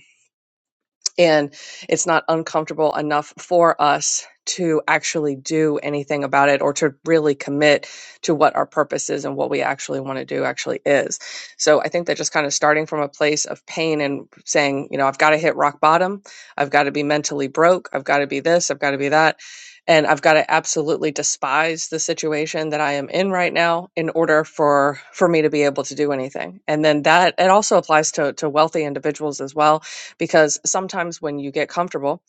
and it's not uncomfortable enough for us to actually do anything about it or to really commit to what our purpose is and what we actually want to do actually is. So I think that just kind of starting from a place of pain and saying, you know, I've got to hit rock bottom, I've got to be mentally broke, I've got to be this, I've got to be that. And I've got to absolutely despise the situation that I am in right now in order for for me to be able to do anything. And then that it also applies to to wealthy individuals as well because sometimes when you get comfortable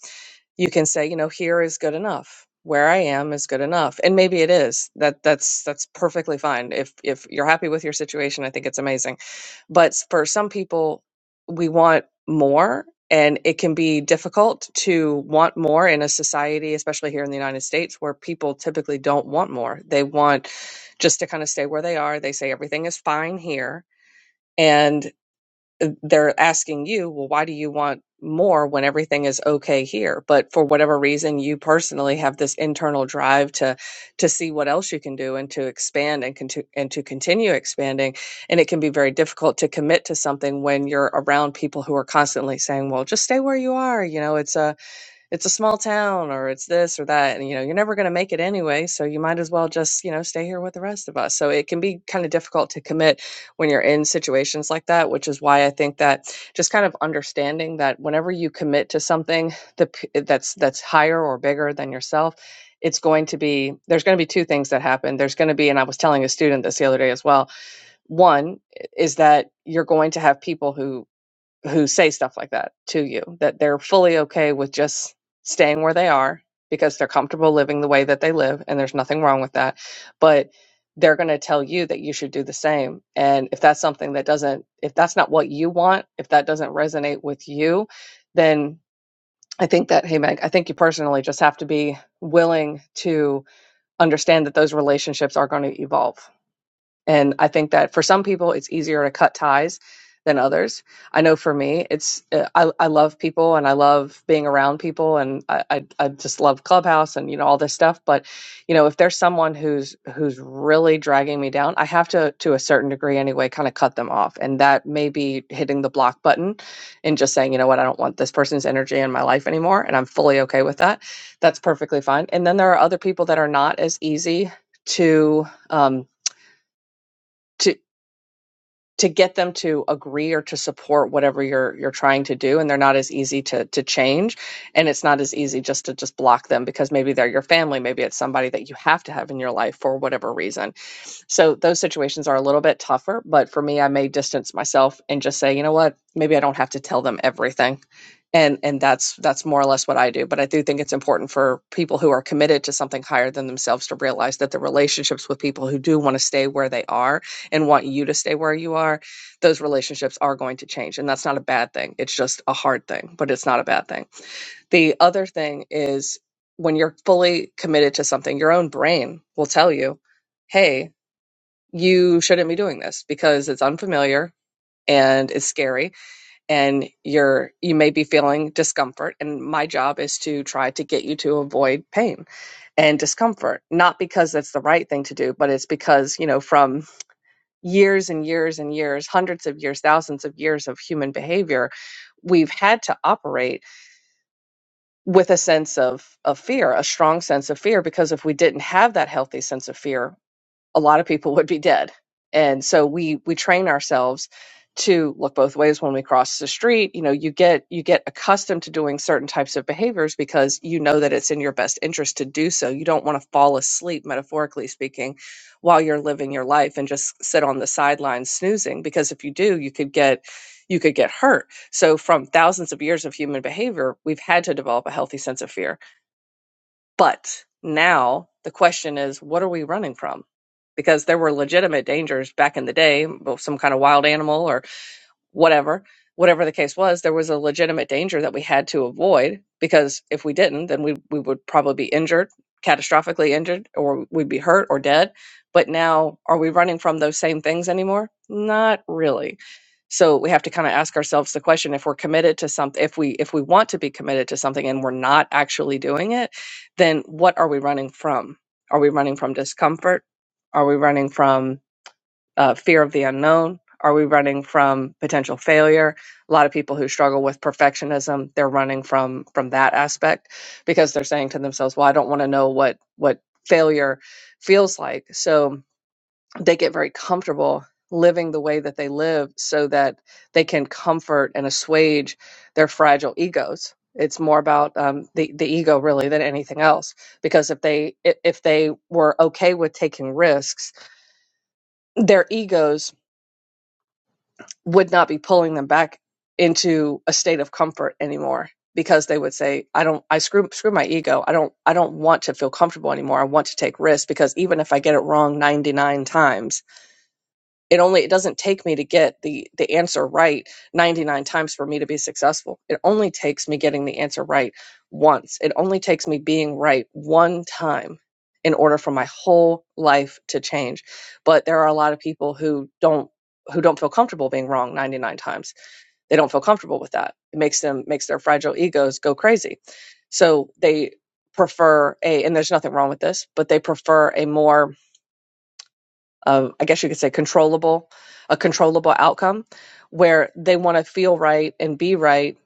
you can say you know here is good enough where i am is good enough and maybe it is that that's that's perfectly fine if if you're happy with your situation i think it's amazing but s- for some people we want more and it can be difficult to want more in a society especially here in the united states where people typically don't want more they want just to kind of stay where they are they say everything is fine here and uh, they're asking you, well, why do you want more when everything is okay here? But for whatever reason, you personally have this internal drive to to see what else you can do and to expand and conti- and to continue expanding. And it can be very difficult to commit to something when you're around people who are constantly saying, "Well, just stay where you are." You know, it's a it's a small town or it's this or that and you know you're never going to make it anyway so you might as well just you know stay here with the rest of us so it can be kind of difficult to commit when you're in situations like that which is why i think that just kind of understanding that whenever you commit to something the, that's that's higher or bigger than yourself it's going to be there's going to be two things that happen there's going to be and i was telling a student this the other day as well one eh, is that you're going to have people who who say stuff like that to you that they're fully okay with just staying where they are because they're comfortable living the way that they live and there's nothing wrong with that but they're going to tell you that you should do the same and if that's something that doesn't if that's not what you want if that doesn't resonate with you then i think that hey meg i think you personally just have to be willing to understand that those relationships are going to evolve and I think that for some people, it's easier to cut ties than others. I know for me, it's uh, I, I love people and I love being around people and I, I I just love Clubhouse and you know all this stuff. But you know, if there's someone who's who's really dragging me down, I have to to a certain degree anyway, kind of cut them off. And that may be hitting the block button and just saying, you know what, I don't want this person's energy in my life anymore, and I'm fully okay with that. That's perfectly fine. And then there are other people that are not as easy to um to to get them to agree or to support whatever you're you're trying to do and they're not as easy to to change and it's not as easy just to just block them because maybe they're your family maybe it's somebody that you have to have in your life for whatever reason so those situations are a little bit tougher but for me I may distance myself and just say you know what maybe I don't have to tell them everything and and that's that's more or less what i do but i do think it's important for people who are committed to something higher than themselves to realize that the relationships with people who do want to stay where they are and want you to stay where you are those relationships are going to change and that's not a bad thing it's just a hard thing but it's not a bad thing the other thing is when you're fully committed to something your own brain will tell you hey you shouldn't be doing this because it's unfamiliar and it's scary and you're you may be feeling discomfort and my job is to try to get you to avoid pain and discomfort not because that's the right thing to do but it's because you know from years and years and years hundreds of years thousands of years of human behavior we've had to operate with a sense of of fear a strong sense of fear because if we didn't have that healthy sense of fear a lot of people would be dead. And so we we train ourselves to look both ways when we cross the street. You know, you get you get accustomed to doing certain types of behaviors because you know that it's in your best interest to do so. You don't want to fall asleep, metaphorically speaking, while you're living your life and just sit on the sidelines snoozing because if you do, you could get you could get hurt. So from thousands of years of human behavior, we've had to develop a healthy sense of fear but now the question is, what are we running from? Because there were legitimate dangers back in the day, both some kind of wild animal or whatever whatever the case was there was a legitimate danger that we had to avoid because if we didn't then we, we would probably be injured catastrophically injured or we'd be hurt or dead but now are we running from those same things anymore not really so we have to kind of ask ourselves the question if we're committed to something if we if we want to be committed to something and we're not actually doing it then what are we running from are we running from discomfort are we running from uh, fear of the unknown? Are we running from potential failure? A lot of people who struggle with perfectionism, they're running from from that aspect because they're saying to themselves, "Well, I don't want to know what what failure feels like." So they get very comfortable living the way that they live so that they can comfort and assuage their fragile egos. It's more about um, the the ego really than anything else because if they i- if they were okay with taking risks, their egos would not be pulling them back into a state of comfort anymore because they would say i don't i screw screw my ego i don't i don't want to feel comfortable anymore i want to take risks because even if i get it wrong 99 times it only it doesn't take me to get the the answer right 99 times for me to be successful it only takes me getting the answer right once it only takes me being right one time in order for my whole life to change but there are a lot of people who don't who don't feel comfortable being wrong 99 times they don't feel comfortable with that it makes them makes their fragile egos go crazy so they prefer a and there's nothing wrong with this but they prefer a more uh, I guess you could say controllable, a controllable outcome where they want to feel right and be right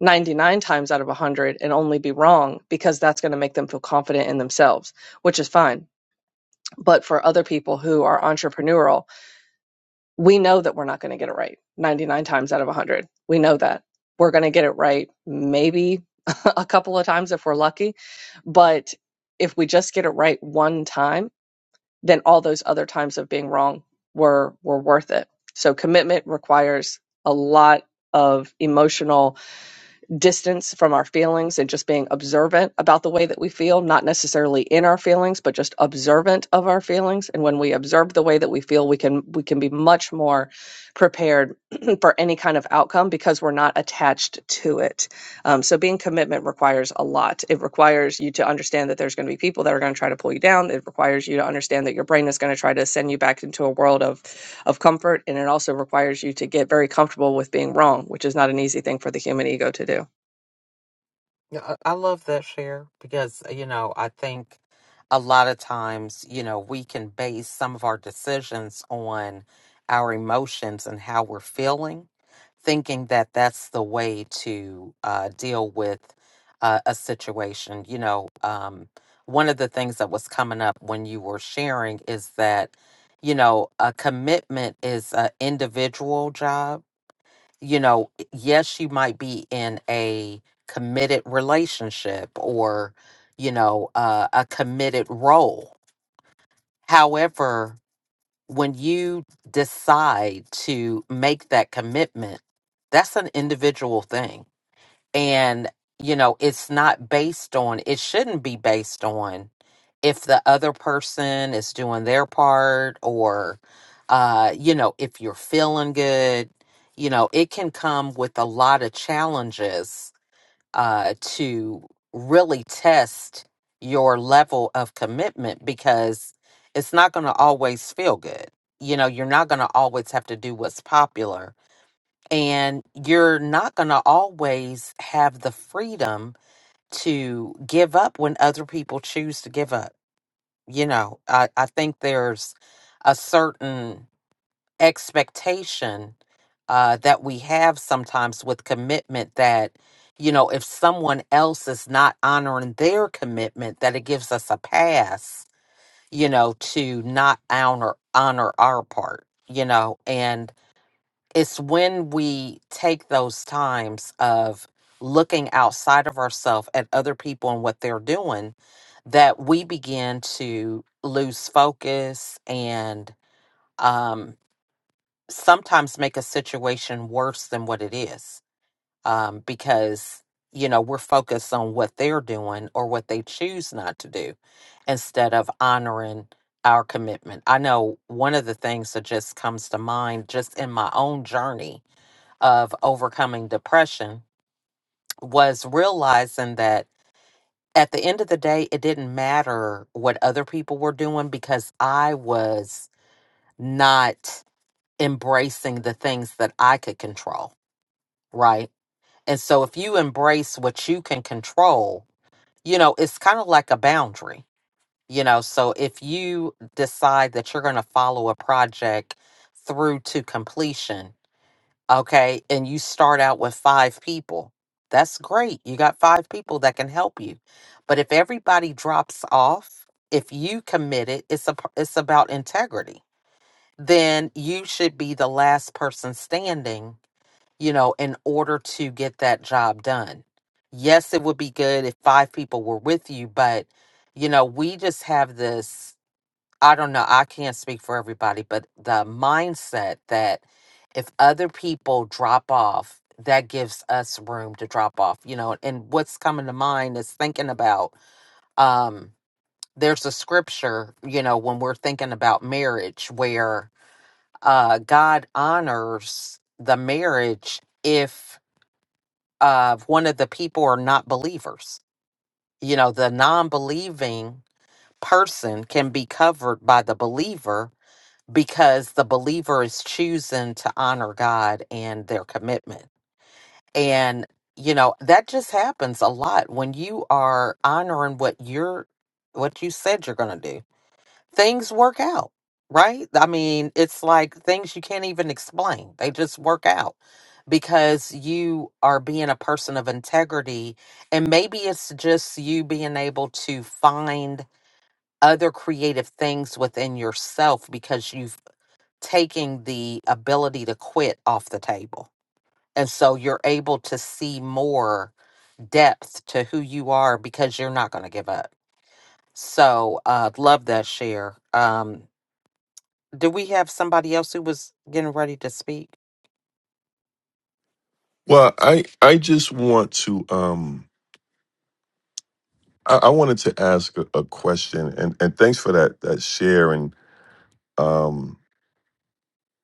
99 times out of 100 and only be wrong because that's going to make them feel confident in themselves, which is fine. But for other people who are entrepreneurial, we know that we're not going to get it right 99 times out of 100. We know that. We're going to get it right maybe a couple of times if we're lucky. But if we just get it right one time, then all those other times of being wrong were were worth it. So commitment requires a lot of emotional distance from our feelings and just being observant about the way that we feel, not necessarily in our feelings, but just observant of our feelings. And when we observe the way that we feel, we can we can be much more prepared for any kind of outcome because we're not attached to it. Um, so being commitment requires a lot. It requires you to understand that there's going to be people that are going to try to pull you down. It requires you to understand that your brain is going to try to send you back into a world of of comfort, and it also requires you to get very comfortable with being wrong, which is not an easy thing for the human ego to do. Yeah, I I love that share because, uh, you know, I think a lot of times, you know, we can base some of our decisions on our emotions and how we're feeling, thinking that that's the way to uh, deal with uh, a situation. You know, um, one of the things that was coming up when you were sharing is that, you know, a commitment is an individual job you know, yes, she might be in a committed relationship or, you know, uh, a committed role. However, when you decide to make that commitment, that's an individual thing. And, you know, it's not based on, it shouldn't be based on if the other person is doing their part or uh you know if you're feeling good you know it can come with a lot of challenges uh to really test your level of commitment because it's not going to always feel good you know you're not going to always have to do what's popular and you're not going to always have the freedom to give up when other people choose to give up you know i, I think there's a certain expectation uh, that we have sometimes with commitment that you know if someone else is not honoring their commitment that it gives us a pass you know to not honor honor our part you know and it's when we take those times of looking outside of ourselves at other people and what they're doing that we begin to lose focus and um, sometimes make a situation worse than what it is um, because you know we're focused on what they're doing or what they choose not to do instead of honoring our commitment i know one of the things that just comes to mind just in my own journey of overcoming depression was realizing that at the end of the day, it didn't matter what other people were doing because I was not embracing the things that I could control, right? And so if you embrace what you can control, you know, it's kind of like a boundary, you know. So if you decide that you're going to follow a project through to completion, okay and you start out with five people that's great you got five people that can help you but if everybody drops off if you commit it it's a it's about integrity then you should be the last person standing you know in order to get that job done yes it would be good if five people were with you but you know we just have this I don't know. I can't speak for everybody, but the mindset that if other people drop off, that gives us room to drop off, you know. And what's coming to mind is thinking about um there's a scripture, you know, when we're thinking about marriage where uh God honors the marriage if uh one of the people are not believers. You know, the non-believing person can be covered by the believer because the believer is choosing to honor God and their commitment. And, you know, that just happens a lot when you are honoring what you're, what you said you're going to do. Things work out, right? I mean, it's like things you can't even explain, they just work out because you are being a person of integrity. And maybe it's just you being able to find other creative things within yourself because you've taking the ability to quit off the table. And so you're able to see more depth to who you are because you're not going to give up. So, uh, love that share. Um, do we have somebody else who was getting ready to speak? Well, I I just want to um I, I wanted to ask a, a question and and thanks for that that share and um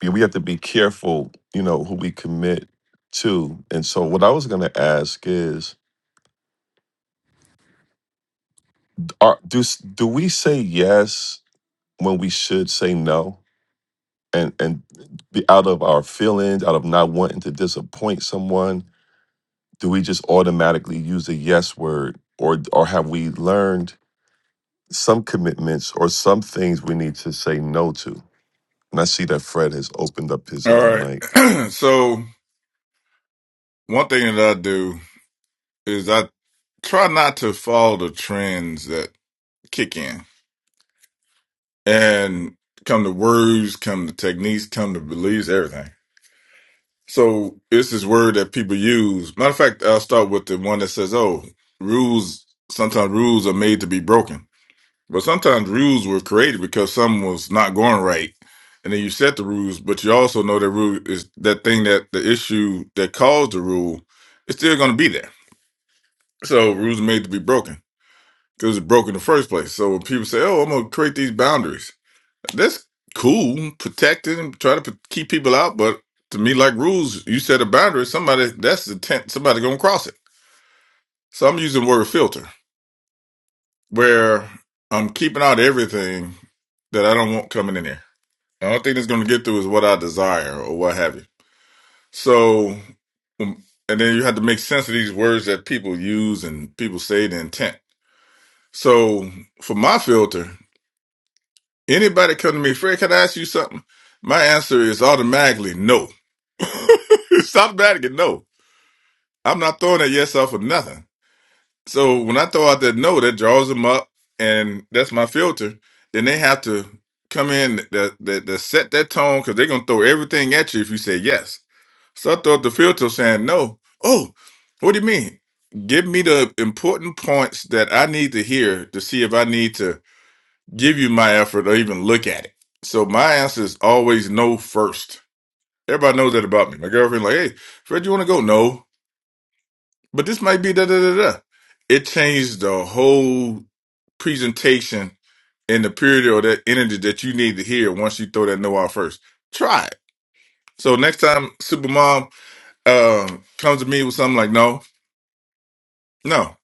yeah, we have to be careful, you know, who we commit to. And so what I was going to ask is are do s- do we say yes when we should say no? And and be out of our feelings, out of not wanting to disappoint someone, do we just automatically use the yes word or or have we learned some commitments or some things we need to say no to. And I see that Fred has opened up his All um, right. mic. so one thing that I do is I try not to follow the trends that kick in and come to words, come to techniques, come to beliefs, everything. So it's this word that people use. Matter of fact, I'll start with the one that says, "Oh, rules. Sometimes rules are made to be broken, but sometimes rules were created because something was not going right." And then you set the rules, but you also know that rule is that thing that the issue that caused the rule is still going to be there So rules are made to be broken because it's broken in the first place. So when people say, "Oh, I'm gonna create these boundaries," that's cool, protect it, and try to p- keep people out. But to me, like rules, you set a boundary. Somebody that's the tent. Somebody gonna cross it. So I'm using the word filter, where I'm keeping out everything that I don't want coming in there. The only thing that's gonna get through is what I desire or what have you. So, um, and then you have to make sense of these words that people use and people say the intent. So for my filter. Anybody come to me, Fred, can I ask you something? My answer is automatically no. It's automatically no. I'm not throwing that yes off of nothing. So when I throw out that no, that draws them up and that's my filter. Then they have to come in that that, that set that tone because they're gonna throw everything at you if you say yes. So I throw out the filter saying no. Oh, what do you mean? Give me the important points that I need to hear to see if I need to give you my effort or even look at it. So my answer is always no first. Everybody knows that about me. My girlfriend, like, hey, Fred, you want to go? No, but this might be da da da da. It changed the whole presentation in the period or that energy that you need to hear once you throw that no out first. Try it. So next time Supermom um, comes to me with something like no, no,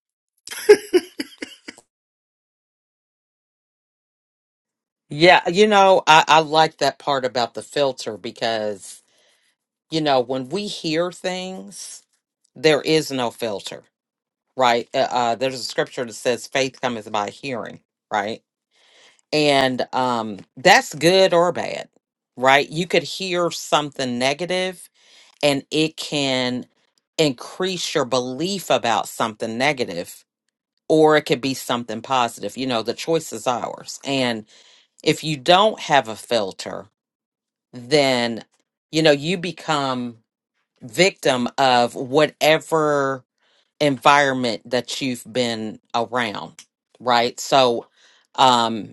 Yeah, you know, I, I like that part about the filter because, you know, when we hear things, there is no filter, right? Uh, uh, there's a scripture that says faith cometh by hearing, right? and um that's good or bad right you could hear something negative and it can increase your belief about something negative or it could be something positive you know the choice is ours and if you don't have a filter then you know you become victim of whatever environment that you've been around right so um,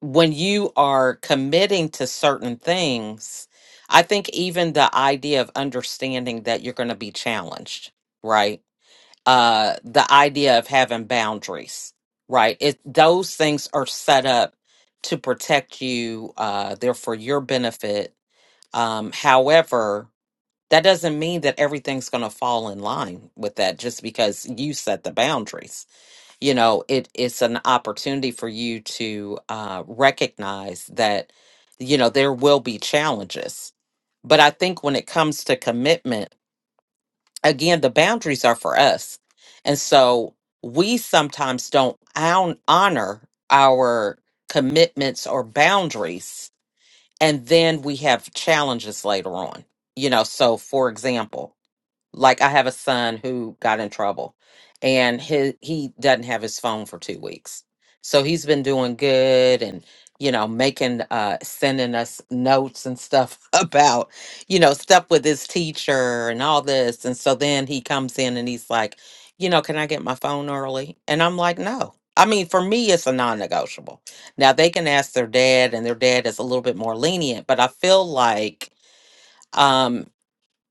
when you are committing to certain things, I think even the idea of understanding that you're going to be challenged, right? Uh, the idea of having boundaries, right? It those things are set up to protect you. Uh, they're for your benefit. Um, however, that doesn't mean that everything's going to fall in line with that just because you set the boundaries you know it it's an opportunity for you to uh recognize that you know there will be challenges but i think when it comes to commitment again the boundaries are for us and so we sometimes don't hon- honor our commitments or boundaries and then we have challenges later on you know so for example like I have a son who got in trouble and he he doesn't have his phone for 2 weeks. So he's been doing good and you know making uh sending us notes and stuff about you know stuff with his teacher and all this and so then he comes in and he's like, "You know, can I get my phone early?" And I'm like, "No." I mean, for me it's a non-negotiable. Now they can ask their dad and their dad is a little bit more lenient, but I feel like um,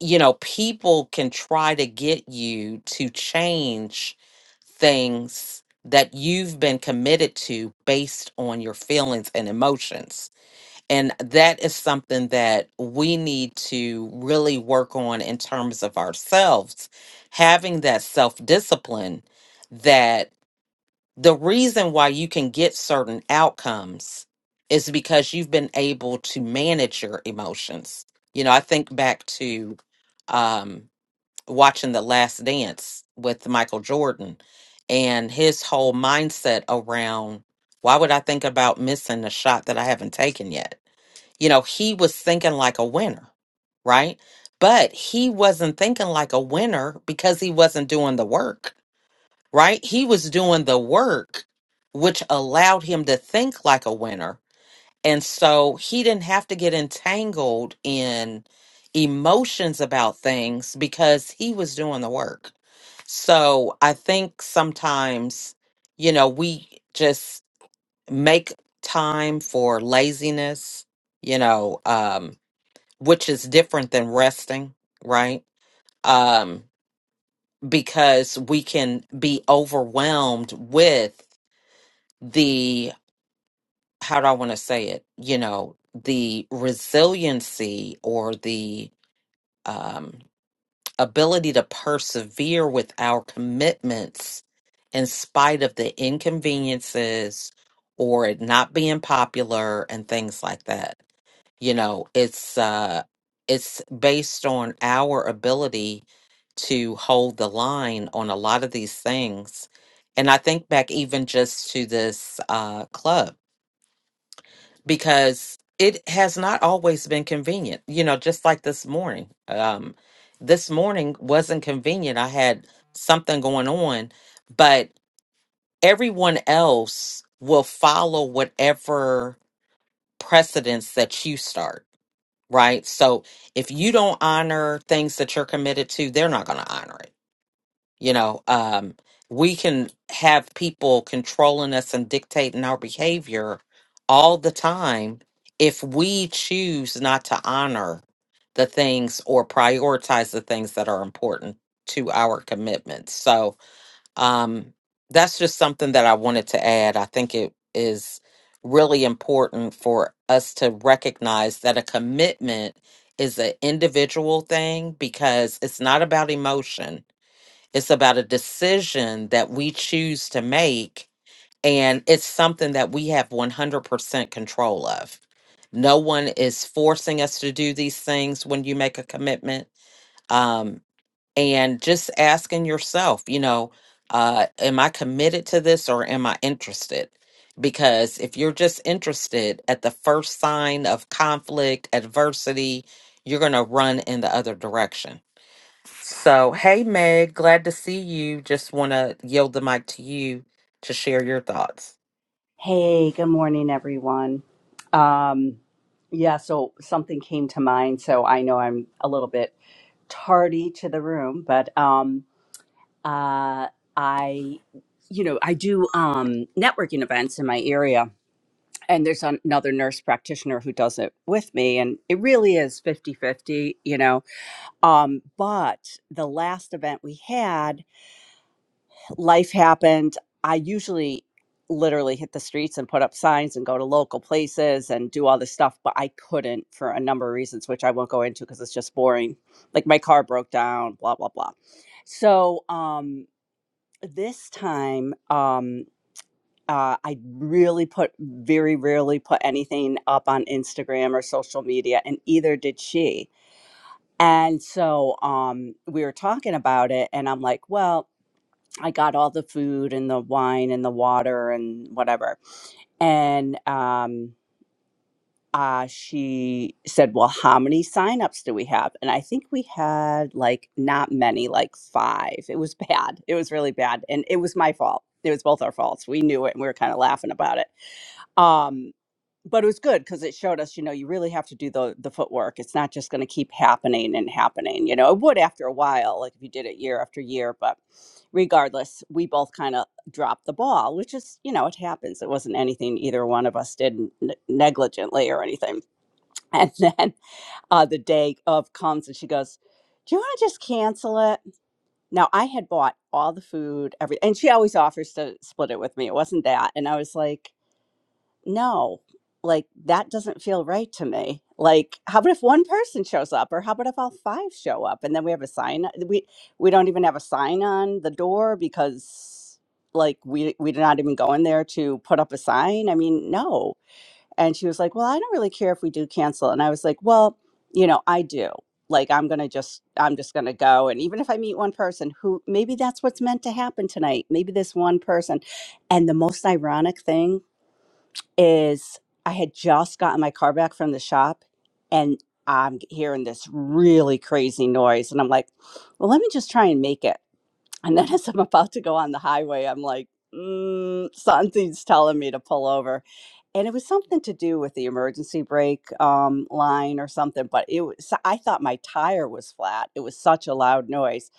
you know, people can try to get you to change things that you've been committed to based on your feelings and emotions. And that is something that we need to really work on in terms of ourselves, having that self discipline That the reason why you can get certain outcomes is because you've been able to manage your emotions. You know, I think back to um, watching The Last Dance with Michael Jordan and his whole mindset around why would I think about missing a shot that I haven't taken yet? You know, he was thinking like a winner, right? But he wasn't thinking like a winner because he wasn't doing the work right? He was doing the work, which allowed him to think like a winner. And so he didn't have to get entangled in emotions about things because he was doing the work. So I think sometimes, you know, we just make time for laziness, you know, um, which is different than resting, right? Um, because we can be overwhelmed with the how do I want to say it? You know, the resiliency or the um, ability to persevere with our commitments in spite of the inconveniences or it not being popular and things like that. You know, it's uh, it's based on our ability to hold the line on a lot of these things. And I think back even just to this uh, club. because it has not always been convenient. You know, just like this morning. Um, this morning wasn't convenient. I had something going on, but everyone else will follow whatever precedence that you start, right? So if you don't honor things that you're committed to, they're not going to honor it you know, um, we can have people controlling us and dictating our behavior all the time if we choose not to honor the things or prioritize the things that are important to our commitments. So um, that's just something that I wanted to add. I think it is really important for us to recognize that a commitment is an individual thing because it's not about emotion it's about a decision that we choose to make, and it's something that we have 100% control of. No one is forcing us to do these things when you make a commitment. Um, and just asking yourself, you know, uh, am I committed to this or am I interested? Because if you're just interested at the first sign of conflict, adversity, you're going to run in the other direction so, hey, Meg, glad to see you. Just want to yield the mic to you to share your thoughts. Hey, good morning, everyone. Um, yeah, so something came to mind, so I know I'm a little bit tardy to the room, but um, uh, I, you know, I do um, networking events in my area, and there's an- another nurse practitioner who does it with me, and it really is 50 50, you know. Um, but the last event we had, life happened, I usually literally hit the streets and put up signs and go to local places and do all this stuff, but I couldn't for a number of reasons, which I won't go into because it's just boring. Like my car broke down, blah, blah, blah. So um, this time, um, uh, I really put very rarely put anything up on Instagram or social media, and either did she. And so um, we were talking about it, and I'm like, well, I got all the food and the wine and the water and whatever. And um, uh, she said, Well, how many signups do we have? And I think we had like not many, like five. It was bad. It was really bad. And it was my fault. It was both our faults. We knew it and we were kind of laughing about it. Um, but it was good because it showed us, you know, you really have to do the the footwork. It's not just going to keep happening and happening. You know, it would after a while, like if you did it year after year. But regardless, we both kind of dropped the ball, which is, you know, it happens. It wasn't anything either one of us did n- negligently or anything. And then uh, the day of comes, and she goes, "Do you want to just cancel it?" Now I had bought all the food, everything, and she always offers to split it with me. It wasn't that, and I was like no, like that doesn't feel right to me. Like, how about if one person shows up, or how about if all five show up, and then we have a sign? uh, We we don't even have a sign on the door because like we we're not even going there to put up a sign. I mean, no. And she was like, well, I don't really care if we do cancel. And I was like, well, you know, I do. Like, I'm gonna just I'm just gonna go, and even if I meet one person who maybe that's what's meant to happen tonight, maybe this one person. And the most ironic thing is I had just gotten my car back from the shop and I'm hearing this really crazy noise. And I'm like, well, let me just try and make it. And then as I'm about to go on the highway, I'm like, mm, something's telling me to pull over. And it was something to do with the emergency brake um, line or something, but it was, I thought my tire was flat. It was such a loud noise.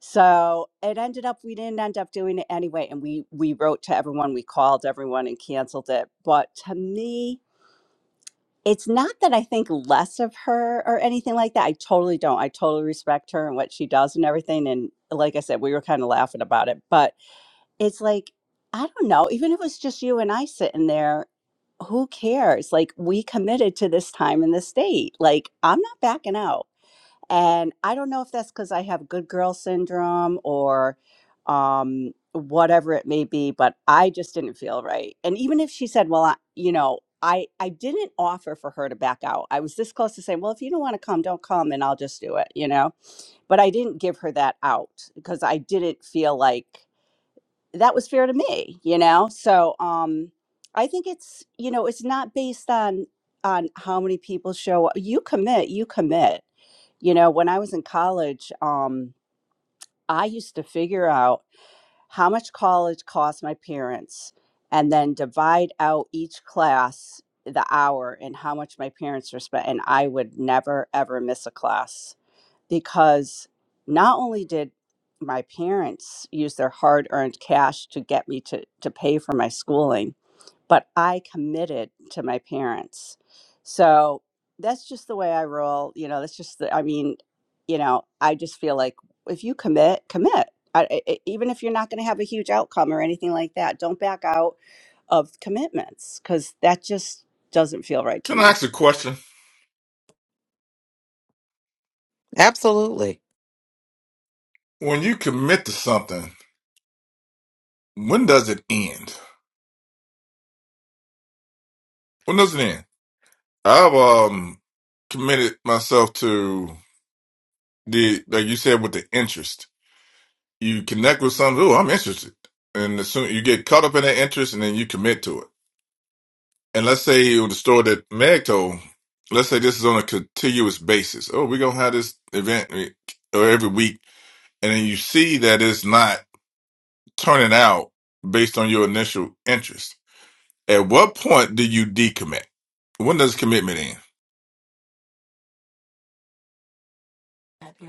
So it ended up, we didn't end up doing it anyway. And we, we wrote to everyone, we called everyone and canceled it. But to me, it's not that I think less of her or anything like that. I totally don't. I totally respect her and what she does and everything. And like I said, we were kind of laughing about it, but it's like, I don't know, even if it was just you and I sitting there, who cares? Like, we committed to this time in this state. Like, I'm not backing out. And I don't know if that's because I have good girl syndrome or um, whatever it may be, but I just didn't feel right. And even if she said, well, I, you know, I, I didn't offer for her to back out. I was this close to saying, well, if you don't want to come, don't come and I'll just do it, you know? But I didn't give her that out because I didn't feel like that was fair to me you know so um i think it's you know it's not based on on how many people show up you commit you commit you know when i was in college um i used to figure out how much college cost my parents and then divide out each class the hour and how much my parents were spent and i would never ever miss a class because not only did my parents use their hard earned cash to get me to, to pay for my schooling, but I committed to my parents. So that's just the way I roll. You know, that's just the, I mean, you know, I just feel like if you commit, commit. I, I, I- even if you're not going to have a huge outcome or anything like that, don't back out of commitments because that just doesn't feel right to can I me. ask a question? Absolutely. When you commit to something, when does it end? When does it end? I've um committed myself to the like you said with the interest. You connect with something. Oh, I'm interested, and as soon you get caught up in that interest, and then you commit to it. And let's say with the store that Meg told, let's say this is on a continuous basis. Oh, we're gonna have this event eh, or every week, and then you see that it's not turning out based on your initial interest. At what point do you decommit? When does commitment end?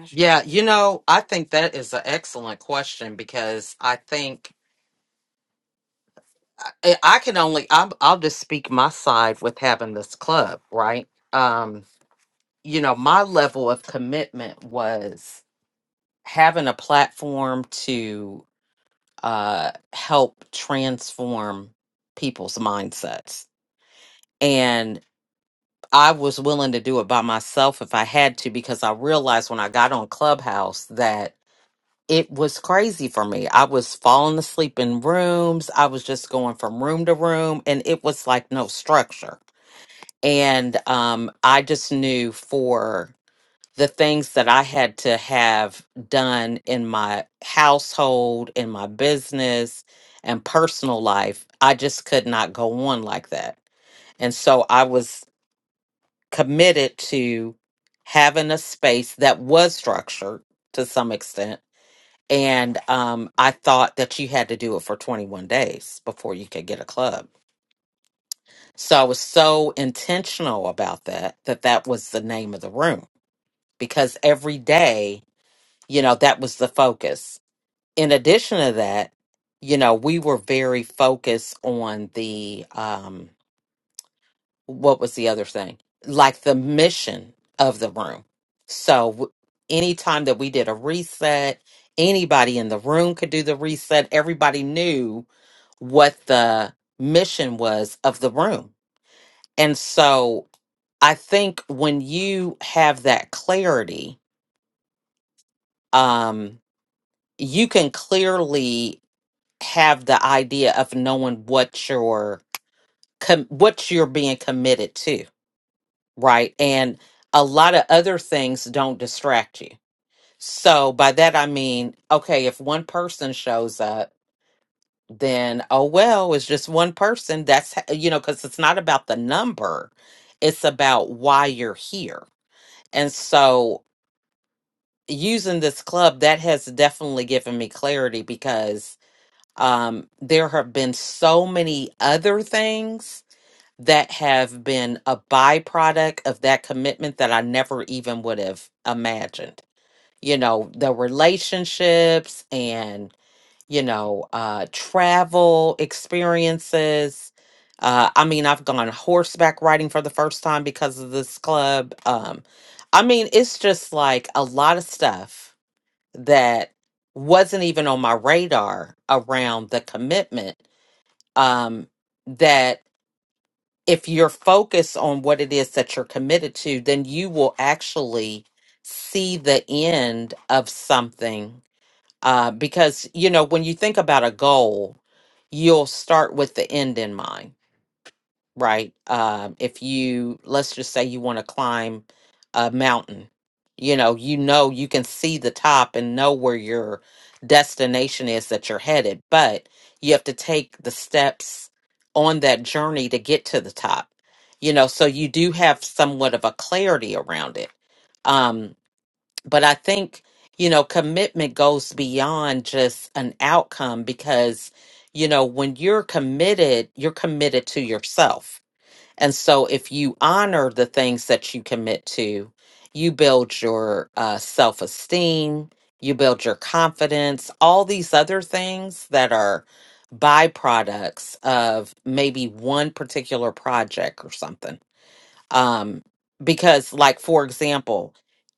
Yeah, you know, I think that is an excellent question because I think I, I can only I'm, I'll just speak my side with having this club, right? Um, you know, my level of commitment was having a platform to uh help transform people's mindsets. I was willing to do it by myself if I had to because I realized when I got on Clubhouse that it was crazy for me. I was falling asleep in rooms. I was just going from room to room and it was like no structure. And um I just knew for the things that I had to have done in my household, in my business and personal life, I just could not go on like that. And so I was committed to having a space that was structured to some extent. And um, I thought that you had to do it for 21 days before you could get a club. So I was so intentional about that, that that was the name of the room because every day, you know, that was the focus. In addition to that, you know, we were very focused on the, um, what was the other thing? Like the mission of the room. So w- anytime that we did a reset, anybody in the room could do the reset. Everybody knew what the mission was of the room. And so I think when you have that clarity, um, you can clearly have the idea of knowing what your com- what you're being committed to right? And a lot of other things don't distract you. So by that I mean, okay, if one person shows up, then oh well, it's just one person. That's h- you know, because it's not about the number; it's about why you're here. And so using this club that has definitely given me clarity because um there have been so many other things that have been a byproduct of that commitment that I never even would have imagined. You know, the relationships and, you know, uh, travel experiences. Uh, I mean, I've gone horseback riding for the first time because of this club. Um, I mean, it's just like a lot of stuff that wasn't even on my radar around the commitment um, that if you're focused on what it is that you're committed to, then you will actually see the end of something. Uh, because, you know, when you think about a goal, you'll start with the end in mind right? Um, if you, let's just say you want to climb a mountain, you know, you know, you can see the top and know where your destination is that you're headed, but you have to take the steps on that journey to get to the top, you know, so you do have somewhat of a clarity around it. Um, but I think, you know, commitment goes beyond just an outcome because, you know, when you're committed, you're committed to yourself and so, if you honor the things that you commit to, you build your uh, self esteem, you build your confidence, all these other things that are byproducts of maybe one particular project or something. Um, because, like, for example,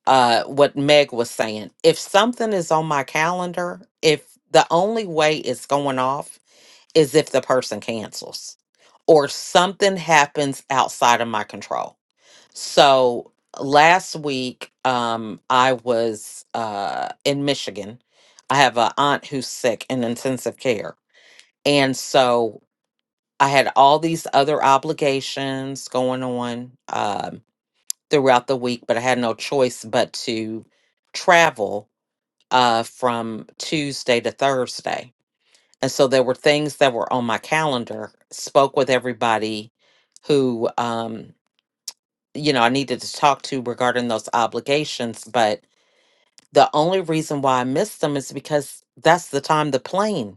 uh, what Meg was saying, if something is on my calendar, if the only way it's going off is if the person cancels or something happens outside of my control. So last week, um, I was uh, in Michigan. I have an aunt who's sick in intensive care. And so I had all these other obligations going on um, throughout the week, but I had no choice but to travel uh, from Tuesday to Thursday. And so there were things that were on my calendar, spoke with everybody who, um, you know, I needed to talk to regarding those obligations. But the only reason why I missed them is because that's the time the plane,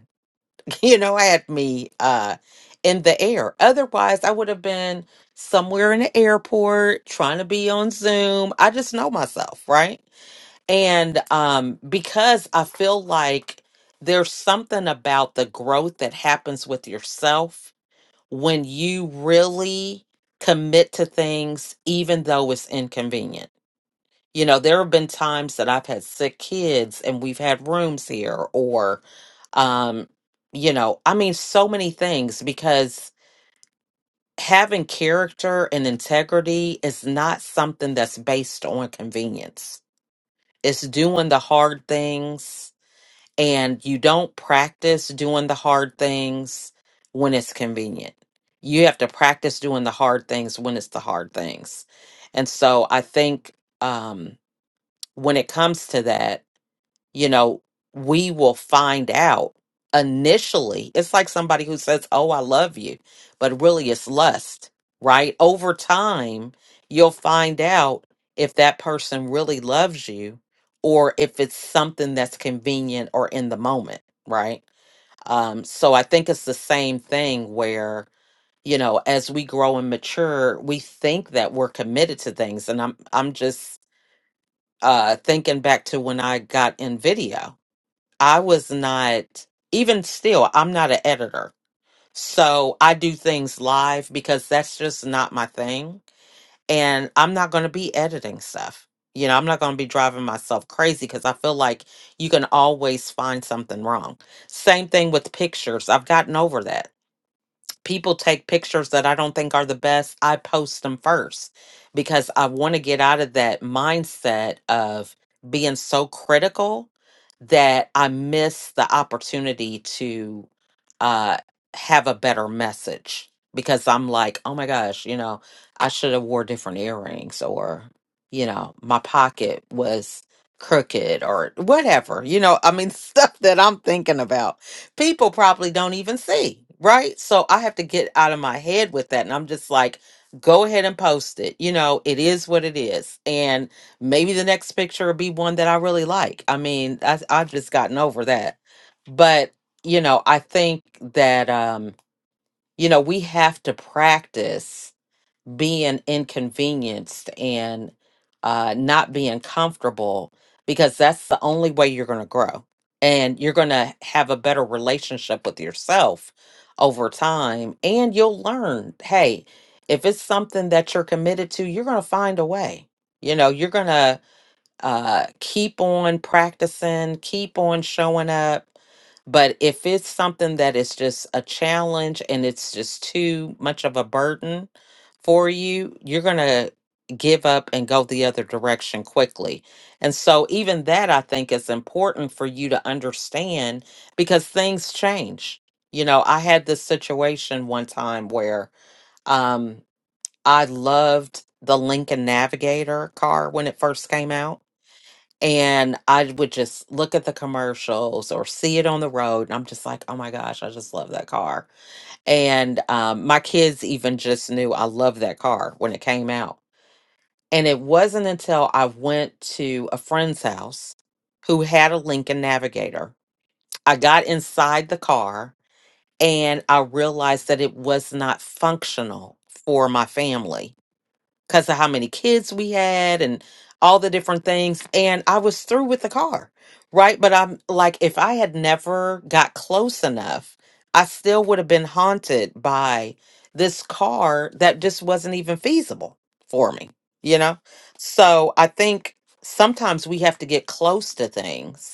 you know, had me uh, in the air. Otherwise, I would have been somewhere in the airport trying to be on Zoom. I just know myself, right? And um, because I feel like there's something about the growth that happens with yourself when you really commit to things, even though it's inconvenient. You know, there have been times that I've had sick kids and we've had rooms here, or, um, you know, I mean, so many things because having character and integrity is not something that's based on convenience. It's doing the hard things and you don't practice doing the hard things when it's convenient. You have to practice doing the hard things when it's the hard things. And so I think um, when it comes to that, you know, we will find out initially. It's like somebody who says, Oh, I love you, but really it's lust, right? Over time, you'll find out if that person really loves you or if it's something that's convenient or in the moment, right? Um, so I think it's the same thing where you know as we grow and mature we think that we're committed to things and i'm i'm just uh thinking back to when i got in video I was not, even still, I'm not an editor. So I do things live because that's just not my thing. And I'm not going to be editing stuff. You know, I'm not going to be driving myself crazy because I feel like you can always find something wrong. Same thing with pictures. I've gotten over that people take pictures that I don't think are the best, I post them first because I want to get out of that mindset of being so critical that I miss the opportunity to uh, have a better message because I'm like, oh my gosh, you know, I should have wore different earrings or, you know, my pocket was crooked or whatever, you know, I mean, stuff that I'm thinking about people probably don't even see, right? So I have to get out of my head with that. And I'm just like, go ahead and post it. You know, it is what it is. And maybe the next picture will be one that I really like. I mean, I, I've just gotten over that. But, you know, I think that, um, you know, we have to practice being inconvenienced and uh, not being comfortable because that's the only way you're going to grow and you're going to have a better relationship with yourself over time and you'll learn hey if it's something that you're committed to you're going to find a way you know you're going to uh keep on practicing keep on showing up but if it's something that is just a challenge and it's just too much of a burden for you you're going to give up and go the other direction quickly and so even that i think is important for you to understand because things change you know i had this situation one time where um i loved the lincoln navigator car when it first came out and I would just look at the commercials or see it on the road. And I'm just like, oh my gosh, I just love that car. And um, my kids even just knew I loved that car when it came out. And it wasn't until I went to a friend's house who had a Lincoln Navigator. I got inside the car and I realized that it was not functional for my family because of how many kids we had and all the different things. And I was through with the car, right? But I'm like, if I had never got close enough, I still would have been haunted by this car that just wasn't even feasible for me, you know? So I think sometimes we have to get close to things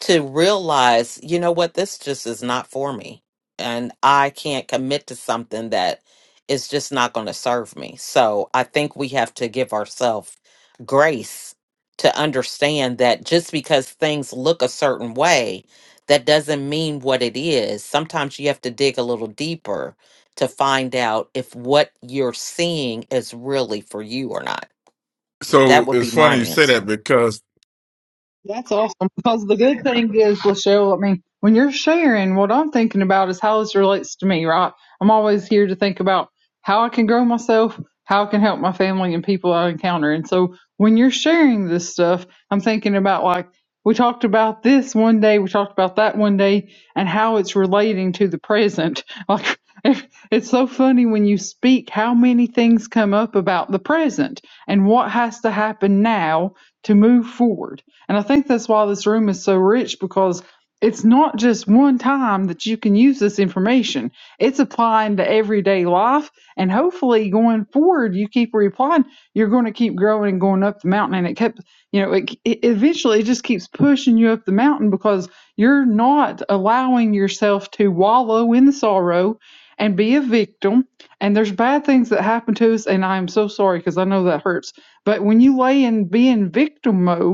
to realize, you know what, this just is not for me. And I can't commit to something that is just not going to serve me. So I think we have to give ourselves grace to understand that just because things look a certain way, that doesn't mean what it is. Sometimes you have to dig a little deeper to find out if what you're seeing is really for you or not. That So would it's be funny my you say that answer. That's awesome because the good thing is, Lachelle, I mean, when you're sharing, what I'm thinking about is how this relates to me, right? I'm always here to think about how I can grow myself, how I can help my family and people I encounter. And so when you're sharing this stuff, I'm thinking about like, we talked about this one day, we talked about that one day, and how it's relating to the present. Like, it- it's so funny when you speak how many things come up about the present and what has to happen now to move forward and I think that's why this room is so rich because it's not just one time that you can use this information. It's applying to everyday life. And hopefully going forward, you keep reapplying, you're going to keep growing and going up the mountain. And it kept, you know, it, it eventually it just keeps pushing you up the mountain because you're not allowing yourself to wallow in the sorrow and be a victim. And there's bad things that happen to us. And I'm so sorry because I know that hurts. But when you lay in being victim mode,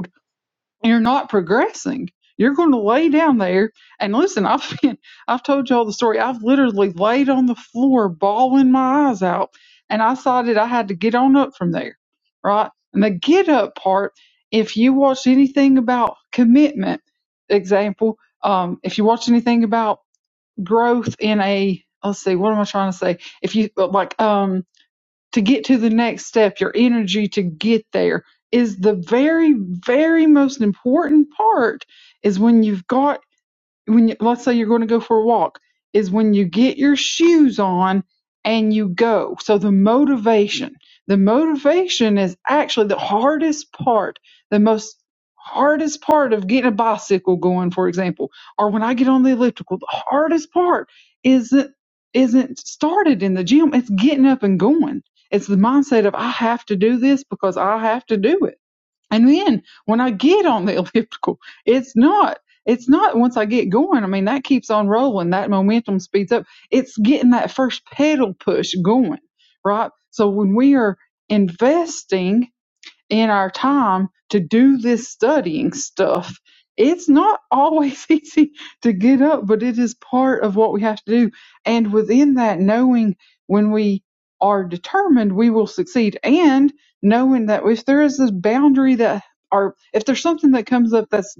you're not progressing. You're going to lay down there and listen. I've been, I've told y'all the story. I've literally laid on the floor, bawling my eyes out, and I decided I had to get on up from there, right? And the get up part, if you watch anything about commitment, example, um, if you watch anything about growth in a, let's see, what am I trying to say? If you like, um, to get to the next step, your energy to get there is the very, very most important part is when you've got when you, let's say you're going to go for a walk is when you get your shoes on and you go so the motivation the motivation is actually the hardest part the most hardest part of getting a bicycle going for example or when i get on the elliptical the hardest part isn't isn't started in the gym it's getting up and going it's the mindset of i have to do this because i have to do it and then when I get on the elliptical, it's not, it's not once I get going. I mean, that keeps on rolling. That momentum speeds up. It's getting that first pedal push going, right? So when we are investing in our time to do this studying stuff. It's not always easy to get up, but it is part of what we have to do. And within that, knowing when we are determined, we will succeed. And knowing that if there is this boundary that, or if there's something that comes up that's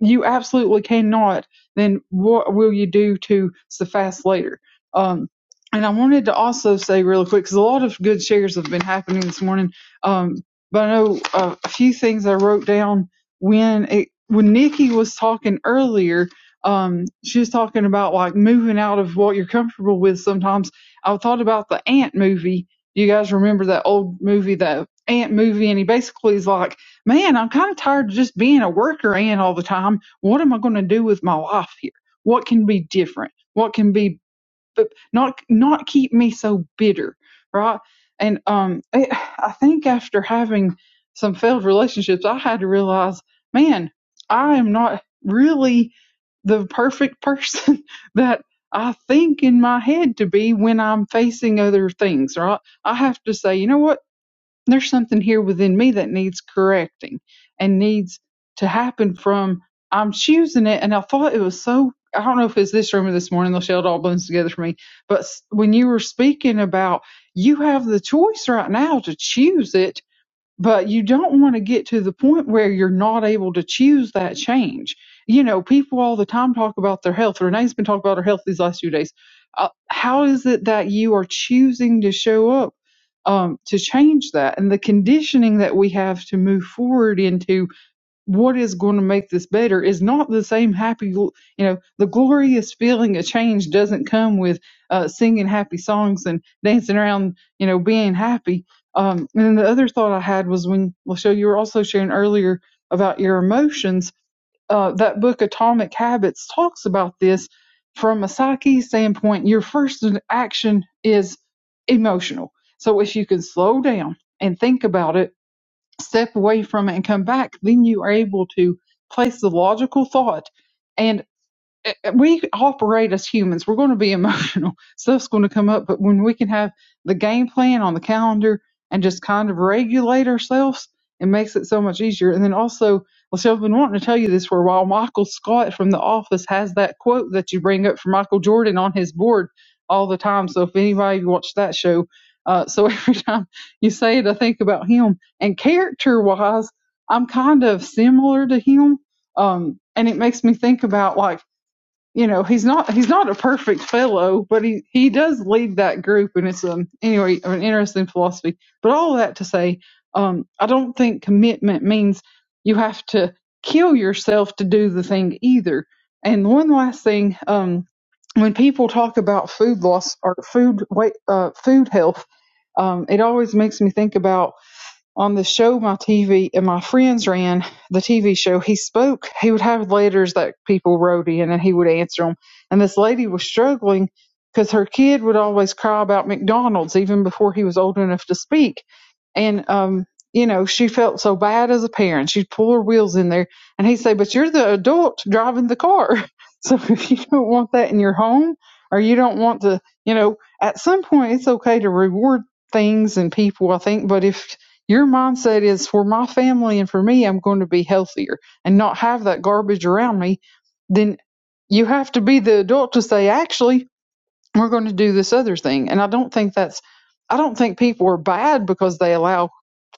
you absolutely cannot, then what will you do to suffice later? Um, and I wanted to also say really quick, because a lot of good shares have been happening this morning. Um, but I know uh, a few things I wrote down when it, when Nikki was talking earlier. Um, she was talking about like moving out of what you're comfortable with sometimes. I thought about the Ant movie. You guys remember that old movie, the Ant movie, and he basically is like man, I'm kind of tired of just being a worker ant all the time. What am I going to do with my life here? What can be different? What can be but not not keep me so bitter, right? And um, it, I think after having some failed relationships, I had to realize, man, I am not really the perfect person that I think in my head to be when I'm facing other things, right? I have to say, you know what? there's something here within me that needs correcting and needs to happen from I'm choosing it. And I thought it was so, I don't know if it's this room or this morning, Michelle, it all blends together for me. But s- when you were speaking about you have the choice right now to choose it but you don't want to get to the point where you're not able to choose that change. You know, people all the time talk about their health. Renee's been talking about her health these last few days. Uh, how is it that you are choosing to show up um, to change that? And the conditioning that we have to move forward into what is going to make this better is not the same happy, you know, the glorious feeling of change doesn't come with uh, singing happy songs and dancing around, you know, being happy. Um, and then the other thought I had was when, well, show you were also sharing earlier about your emotions. Uh, that book, Atomic Habits, talks about this from a psyche standpoint. Your first action is emotional. So if you can slow down and think about it, step away from it and come back, then you are able to place the logical thought and eh, eh, we operate as humans. We're going to be emotional. Stuff's going to come up. But when we can have the game plan on the calendar and just kind of regulate ourselves, it makes it so much easier. And then also, Lachelle, I've been wanting to tell you this for a while. Michael Scott from The Office has that quote that you bring up for Michael Jordan on his board all the time. So if anybody watched that show, uh, so every time you say it, I think about him. And character wise, I'm kind of similar to him. Um, and it makes me think about like, you know he's not he's not a perfect fellow, but he he does lead that group, and it's um anyway an interesting philosophy. But all that to say, um, I don't think commitment means you have to kill yourself to do the thing either. And one last thing, um, when people talk about food loss or food weight, uh, food health, um, it always makes me think about on the show my TV and my friends ran the TV show, he spoke. He would have letters that people wrote in, and he would answer them. And this lady was struggling because her kid would always cry about McDonald's even before he was old enough to speak. And um, you know, she felt so bad as a parent. She'd pull her wheels in there, and he'd say, "But you're the adult driving the car, so if you don't want that in your home, or you don't want to, you know, at some point it's okay to reward things and people. I think, but if your mindset is for my family and for me, I'm going to be healthier and not have that garbage around me. Then you have to be the adult to say, actually, we're going to do this other thing. And I don't think that's, I don't think people are bad because they allow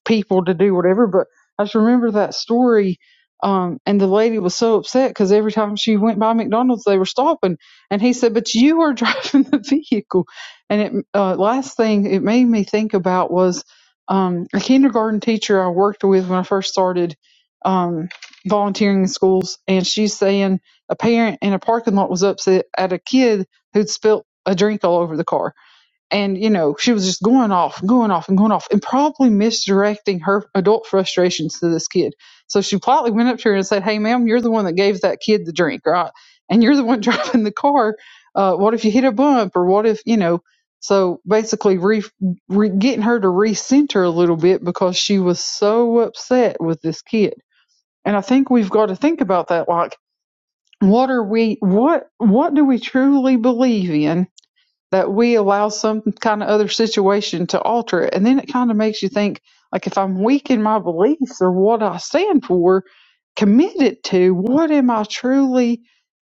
people to do whatever. But I just remember that story. Um, and the lady was so upset because every time she went by McDonald's, they were stopping. And he said, "But you are driving the vehicle." And it uh, last thing it made me think about was um, a kindergarten teacher I worked with when I first started um, volunteering in schools, and she's saying a parent in a parking lot was upset at a kid who'd spilt a drink all over the car and you know she was just going off and going off and going off and probably misdirecting her adult frustrations to this kid so she politely went up to her and said hey ma'am you're the one that gave that kid the drink right and you're the one driving the car uh, what if you hit a bump or what if you know so basically re, re, getting her to recenter a little bit because she was so upset with this kid and i think we've got to think about that like what are we what what do we truly believe in that we allow some kind of other situation to alter it. And then it kind of makes you think, like, if I'm weak in my beliefs or what I stand for, committed to, what am I truly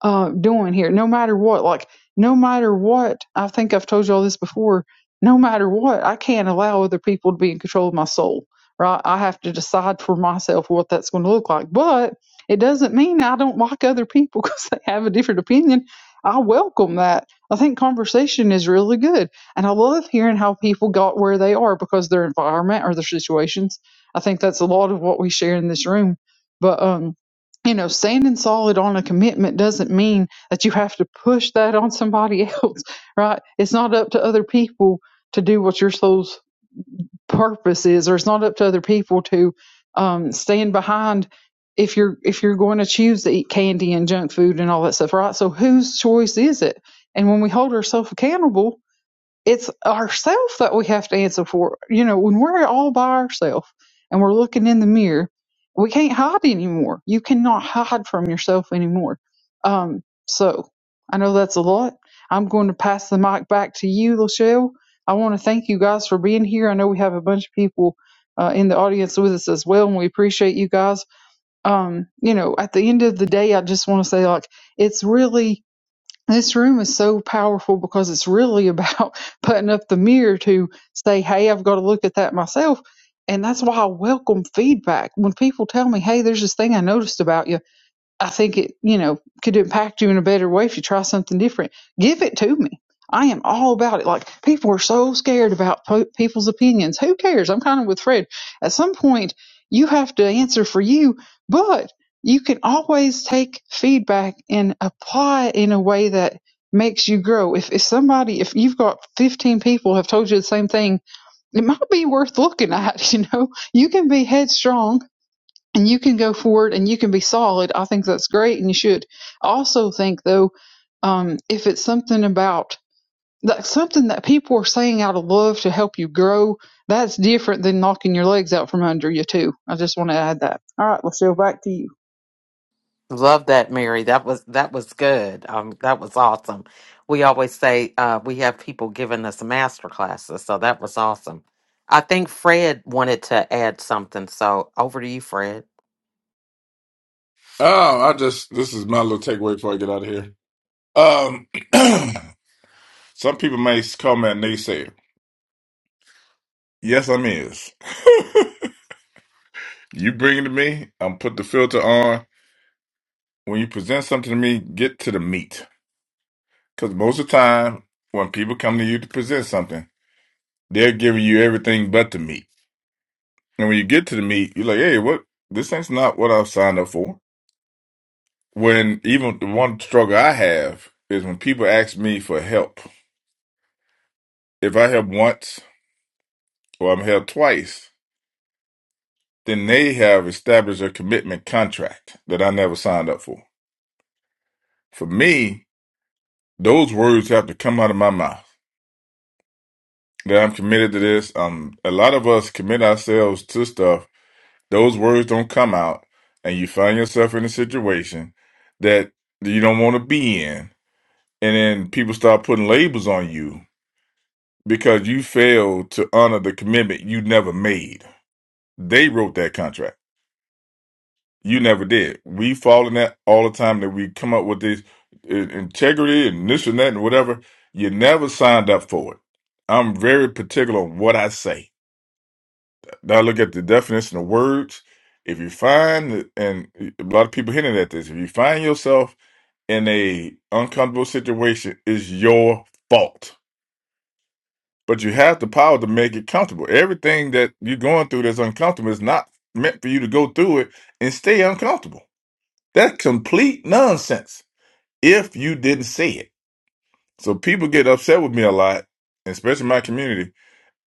uh, doing here? No matter what, like, no matter what, I think I've told you all this before, no matter what, I can't allow other people to be in control of my soul, right? I have to decide for myself what that's going to look like. But it doesn't mean I don't like other people because they have a different opinion. I welcome that I think conversation is really good. And I love hearing how people got where they are because their environment or their situations. I think that's a lot of what we share in this room. But, um, you know, standing solid on a commitment doesn't mean that you have to push that on somebody else, right? It's not up to other people to do what you're supposed purpose is or it's not up to other people to um, stand behind if you're if you're going to choose to eat candy and junk food and all that stuff right so whose choice is it and when we hold ourselves accountable it's ourself that we have to answer for. You know, when we're all by ourselves and we're looking in the mirror, we can't hide anymore. You cannot hide from yourself anymore. Um, so I know that's a lot. I'm going to pass the mic back to you, Lachelle. I want to thank you guys for being here. I know we have a bunch of people uh, in the audience with us as well, and we appreciate you guys. Um, you know, at the end of the day, I just want to say, like, it's really– this room is so powerful because it's really about putting up the mirror to say, hey, I've got to look at that myself. And that's why I welcome feedback. When people tell me, hey, there's this thing I noticed about you, I think it, you know, could impact you in a better way if you try something different. Give it to me. I am all about it. Like people are so scared about po- people's opinions. Who cares? I'm kind of with Fred. At some point, you have to answer for you, but you can always take feedback and apply it in a way that makes you grow. If if somebody, if you've got 15 people have told you the same thing, it might be worth looking at. You know, you can be headstrong and you can go forward and you can be solid. I think that's great, and you should. I also think though, um, if it's something about that something that people are saying out of love to help you grow, that's different than knocking your legs out from under you too. I just want to add that. All right, Lucille, back to you. Love that, Mary. That was that was good. Um, that was awesome. We always say uh, we have people giving us master classes, so that was awesome. I think Fred wanted to add something, so over to you, Fred. Oh, I just this is my little takeaway before I get out of here. Um, some people may call me a naysayer. Yes, I'm is. You bring it to me. I'm put the filter on. When you present something to me, get to the meat. Because most of the time, when people come to you to present something, they're giving you everything but the meat. And when you get to the meat, you're like, hey, what? This ain't not what I've signed up for. When even the one struggle I have is when people ask me for help. If I help once or I'm helped twice. then they have established a commitment contract that I never signed up for. For me, those words have to come out of my mouth that I'm committed to this. Um, a lot of us commit ourselves to stuff. Those words don't come out, and you find yourself in a situation that you don't want to be in, and then people start putting labels on you because you failed to honor the commitment you never made. They wrote that contract You never did. We fall in that all the time that we come up with this uh, integrity and this and that and whatever. You never signed up for it. I'm very particular on what I say. Now look at the definition of words. If you find that- and uh, a lot of people hinted at this, if you find yourself in a uncomfortable situation, it's your fault. But you have the power to make it comfortable. Everything that you're going through that's uncomfortable is not meant for you to go through it and stay uncomfortable. That's complete nonsense if you didn't say it. So people get upset with me a lot, especially my community,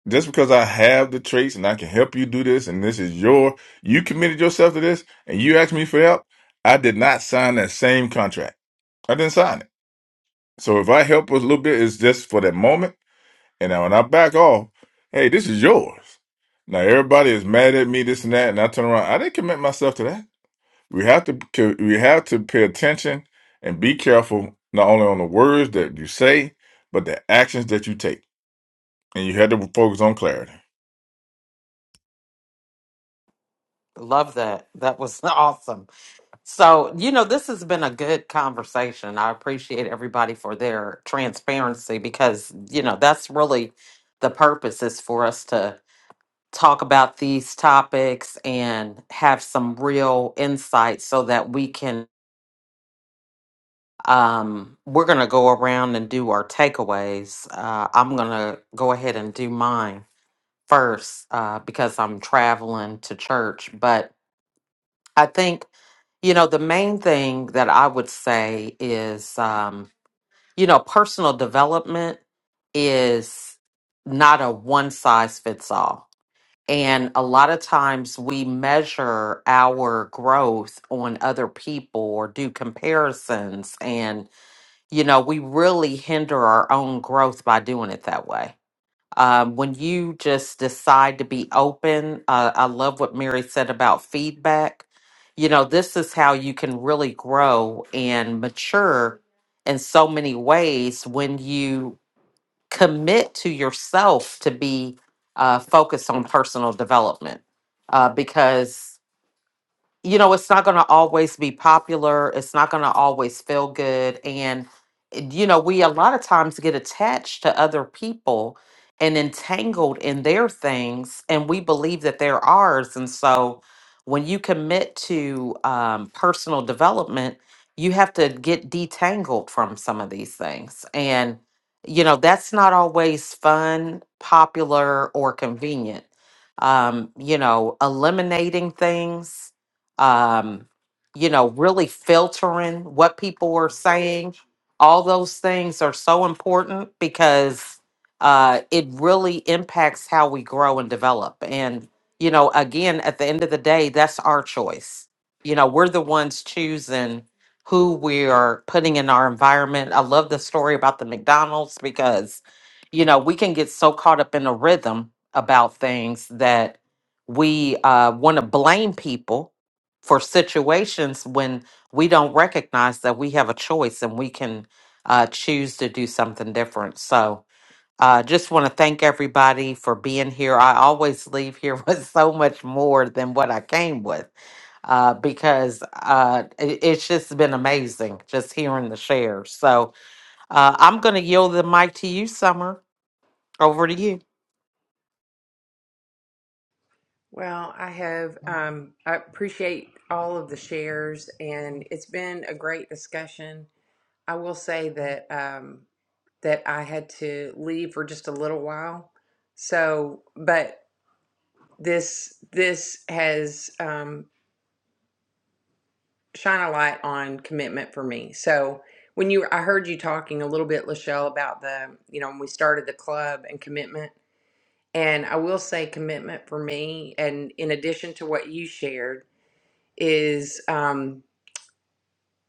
just because I have the traits and I can help you do this and this is your you committed yourself to this and you asked me for help. I did not sign that same contract. I didn't sign it. So if I help with a little bit, it's just for that moment. And now when I back off, hey, this is yours. Now everybody is mad at me, this and that, and I turn around. I didn't commit myself to that. We have to c- we have to pay attention and be careful not only on the words that you say, but the actions that you take. And you had to focus on clarity. Love that. That was awesome. So you know, this has been a good conversation. I appreciate everybody for their transparency because you know that's really the purpose is for us to talk about these topics and have some real insight so that we can um we're going to go around and do our takeaways uh i'm going to go ahead and do mine first uh because i'm traveling to church but i think you know the main thing that i would say is um you know personal development is not a one size fits all And a lot of times we measure our growth on other people or do comparisons. And, you know, we really hinder our own growth by doing it that way. Um, when you just decide to be open, uh, I love what Mary said about feedback. You know, this is how you can really grow and mature in so many ways when you commit to yourself to be uh, focused on personal development uh, because you know, it's not going to always be popular. It's not going to always feel good. And, you know, we a lot of times get attached to other people and entangled in their things, and we believe that they're ours. And so when you commit to um, personal development, you have to get detangled from some of these things. And, you know, that's not always fun, popular, or convenient. Um, you know, eliminating things um, you know, really filtering what people are saying. All those things are so important because uh, it really impacts how we grow and develop. And, you know, again, at the end of the day, that's our choice. You know, we're the ones choosing who we are putting in our environment. I love the story about the McDonald's because, you know, we can get so caught up in a rhythm about things that we uh, want to blame people for situations when we don't recognize that we have a choice and we can uh, choose to do something different. So, uh, just want to thank everybody for being here. I always leave here with so much more than what I came with uh, because uh, it, it's just been amazing just hearing the shares. So, uh, I'm going to yield the mic to you, Summer. Over to you. Well, I have, um, I appreciate all of the shares and it's been a great discussion. I will say that, um, that I had to leave for just a little while. So, but this, this has, um, shine a light on commitment for me. So when you, I heard you talking a little bit, Lachelle, about the, you know, when we started the club and commitment. And I will say commitment for me, and in addition to what you shared, is um,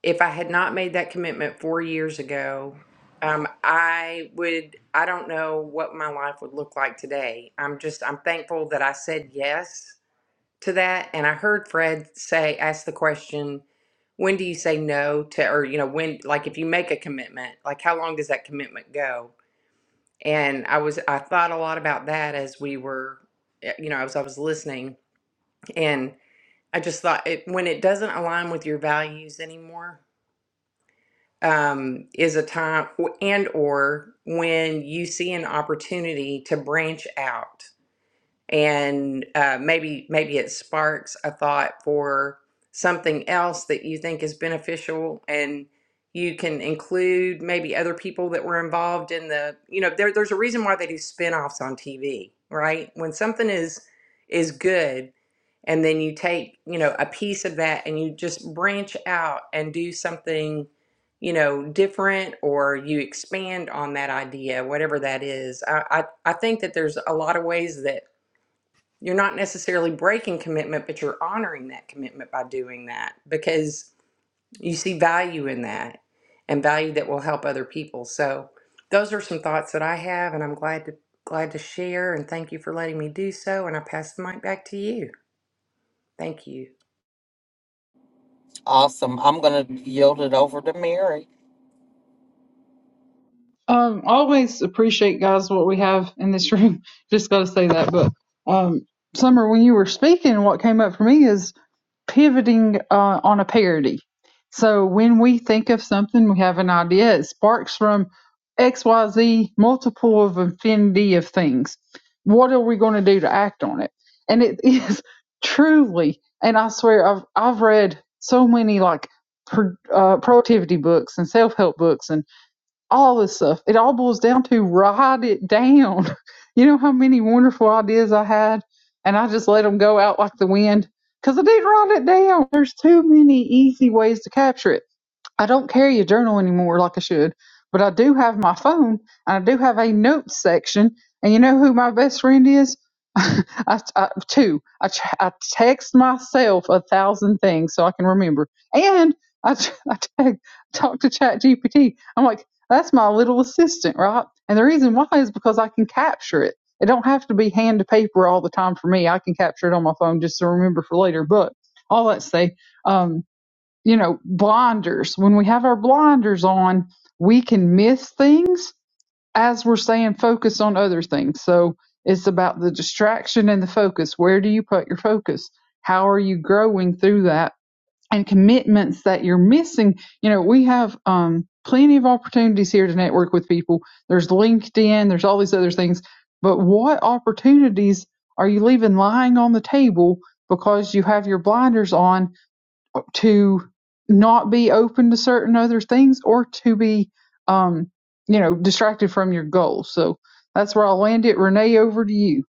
if I had not made that commitment four years ago, um, I would, I don't know what my life would look like today. I'm just, I'm thankful that I said yes to that. And I heard Fred say, ask the question, when do you say no to, or, you know, when, like if you make a commitment, like how long does that commitment go? And I was, I thought a lot about that as we were, eh, you know, as I was listening. And I just thought it, when it doesn't align with your values anymore, um, is a time and or when you see an opportunity to branch out and uh, maybe maybe it sparks a thought for something else that you think is beneficial and you can include maybe other people that were involved in the you know there, there's a reason why they do spin-offs on tv right when something is is good and then you take you know a piece of that and you just branch out and do something you know different or you expand on that idea whatever that is i i, I think that there's a lot of ways that you're not necessarily breaking commitment, but you're honoring that commitment by doing that because you see value in that and value that will help other people. So those are some thoughts that I have and I'm glad to glad to share and thank you for letting me do so and I pass the mic back to you. Thank you. Awesome. I'm going to yield it over to Mary. Um, always appreciate guys what we have in this room. Just got to say that, but um, Summer, when you were speaking, what came up for me is pivoting uh, on a parody. So when we think of something, we have an idea. It sparks from X, Y, Z, multiple of infinity of things. What are we going to do to act on it? And it is truly, and I swear, I've I've read so many like pro, uh, productivity books and self help books, and all this stuff. It all boils down to write it down. You know how many wonderful ideas I had, and I just let them go out like the wind because I didn't write it down. There's too many easy ways to capture it I don't carry a journal anymore like I should, but I do have my phone and I do have a notes section. And you know who my best friend is? I, I, two. I, I text myself a thousand things so I can remember. And I, ch- I talk to Chat GPT. I'm like, that's my little assistant, right? And the reason why is because I can capture it. It don't have to be hand to paper all the time for me. I can capture it on my phone just to remember for later. But all that to say, um, you know, blinders. When we have our blinders on, we can miss things as we're saying focus on other things. So it's about the distraction and the focus. Where do you put your focus? How are you growing through that? And commitments that you're missing. You know, we have um, plenty of opportunities here to network with people. There's LinkedIn, there's all these other things. But what opportunities are you leaving lying on the table because you have your blinders on to not be open to certain other things or to be um you know distracted from your goals so that's where i'll land it renee over to you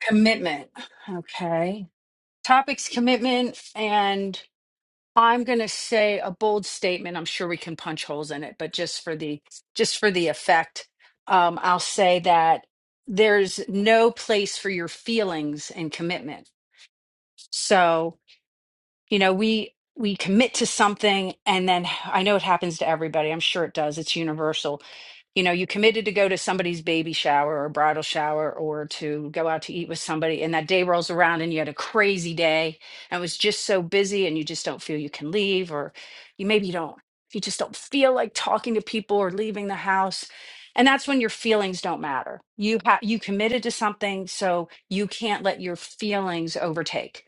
Commitment. Okay. Topics commitment and I'm going to say a bold statement. I'm sure we can punch holes in it, but just for the just for the effect, um, I'll say that there's no place for your feelings and commitment. So you know we we commit to something and then i know it happens to everybody i'm sure it does it's universal you know you committed to go to somebody's baby shower or bridal shower or to go out to eat with somebody and that day rolls around and you had a crazy day and it was just so busy and you just don't feel you can leave or you maybe you don't you just don't feel like talking to people or leaving the house and that's when your feelings don't matter you ha- you committed to something so you can't let your feelings overtake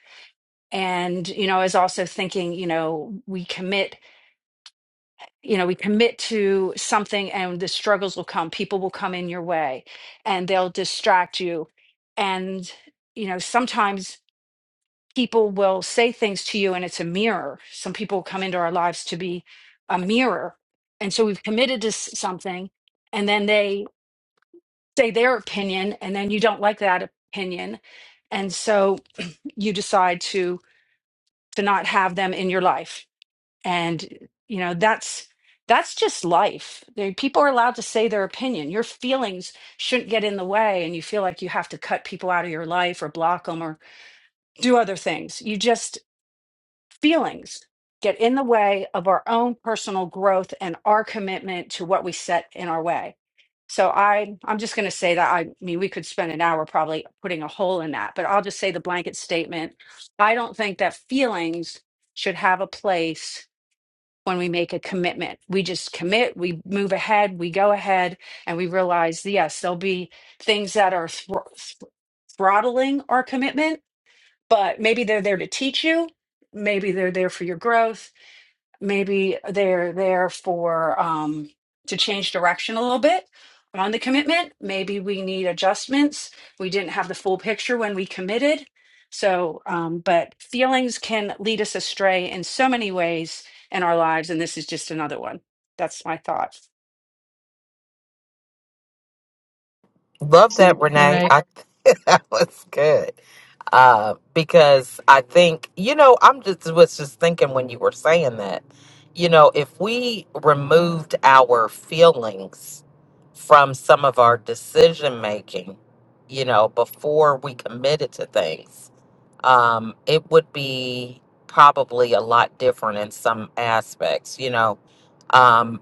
and you know is also thinking you know we commit you know we commit to something and the struggles will come people will come in your way and they'll distract you and you know sometimes people will say things to you and it's a mirror some people come into our lives to be a mirror and so we've committed to s- something and then they say their opinion and then you don't like that opinion and so you decide to to not have them in your life and you know that's that's just life they, people are allowed to say their opinion your feelings shouldn't get in the way and you feel like you have to cut people out of your life or block them or do other things you just feelings get in the way of our own personal growth and our commitment to what we set in our way so i i'm just going to say that i mean we could spend an hour probably putting a hole in that but i'll just say the blanket statement i don't think that feelings should have a place when we make a commitment. We just commit, we move ahead, we go ahead, and we realize, yes, there'll be things that are thr- thr- throttling our commitment, but maybe they're there to teach you. Maybe they're there for your growth maybe they're there for um, to change direction a little bit on the commitment. Maybe we need adjustments. We didn't have the full picture when we committed. So, um, but feelings can lead us astray in so many ways in our lives, and this is just another one. That's my thought. Love that, Renee. renee I that was good. Uh, because I think, you know, I'm just was just thinking when you were saying that, you know, if we removed our feelings from some of our decision making, you know, before we committed to things, um, it would be probably a lot different in some aspects, you know. Um,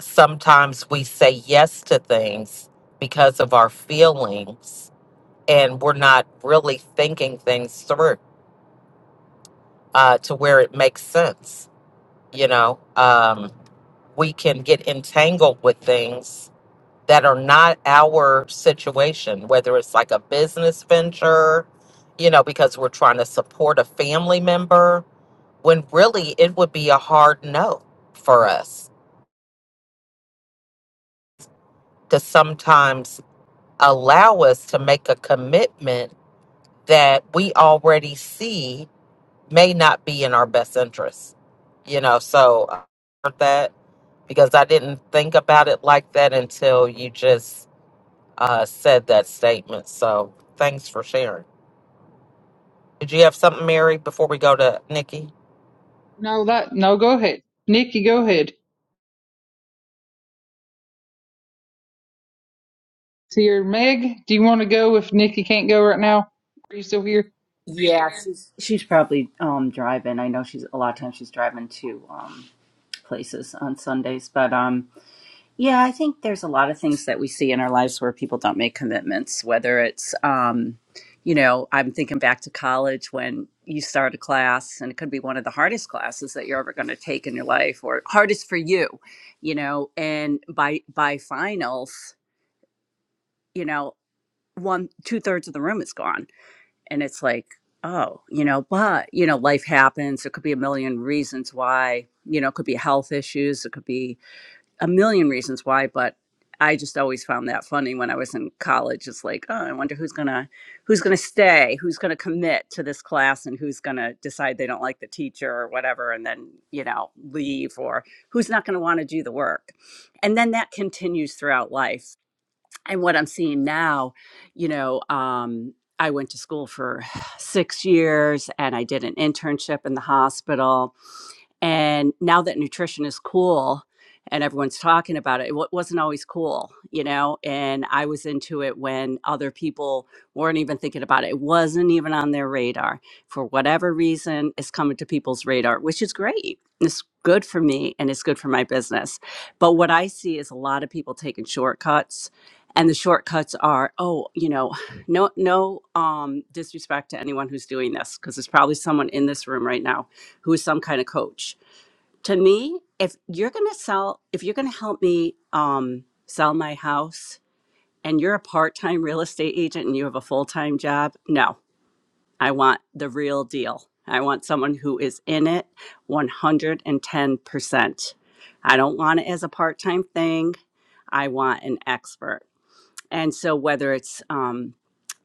sometimes we say yes to things because of our feelings and we're not really thinking things through uh, to where it makes sense. You know, um, we can get entangled with things that are not our situation, whether it's like a business venture, you know, because we're trying to support a family member, when really it would be a hard no for us to sometimes allow us to make a commitment that we already see may not be in our best interest. You know, so I heard that because I didn't think about it like that until you just uh, said that statement. So thanks for sharing. Did you have something, Mary, before we go to Nikki? no that no go ahead nikki go ahead it's here meg do you want to go if nikki can't go right now are you still here She's probably um, driving. I know she's a lot of times she's driving to um, places on Sundays. But um, yeah, I think there's a lot of things that we see in our lives where people don't make commitments, whether it's, um, you know, I'm thinking back to college when you start a class and it could be one of the hardest classes that you're ever going to take in your life or hardest for you, you know, and by, by finals, you know, one, two thirds of the room is gone. And it's like, oh, you know, but, you know, life happens. There could be a million reasons why, you know, it could be health issues. It could be, a million reasons why, but I just always found that funny when I was in college. It's like, oh, I wonder who's gonna who's gonna stay, who's gonna commit to this class, and who's gonna decide they don't like the teacher or whatever, and then you know leave, or who's not gonna want to do the work, and then that continues throughout life. And what I'm seeing now, you know. Um, I went to school for six years and I did an internship in the hospital and now that nutrition is cool and everyone's talking about it, it wa- wasn't always cool, you know? And I was into it when other people weren't even thinking about it. It wasn't even on their radar. For whatever reason, it's coming to people's radar, which is great. It's good for me and it's good for my business. But what I see is a lot of people taking shortcuts. And the shortcuts are, oh, you know, no, no um, disrespect to anyone who's doing this, because there's probably someone in this room right now who is some kind of coach to me, if you're going to sell, if you're going to help me um, sell my house and you're a part time real estate agent and you have a full time job, no, I want the real deal. I want someone who is in it 110%. I don't want it as a part time thing. I want an expert. And so, whether it's um,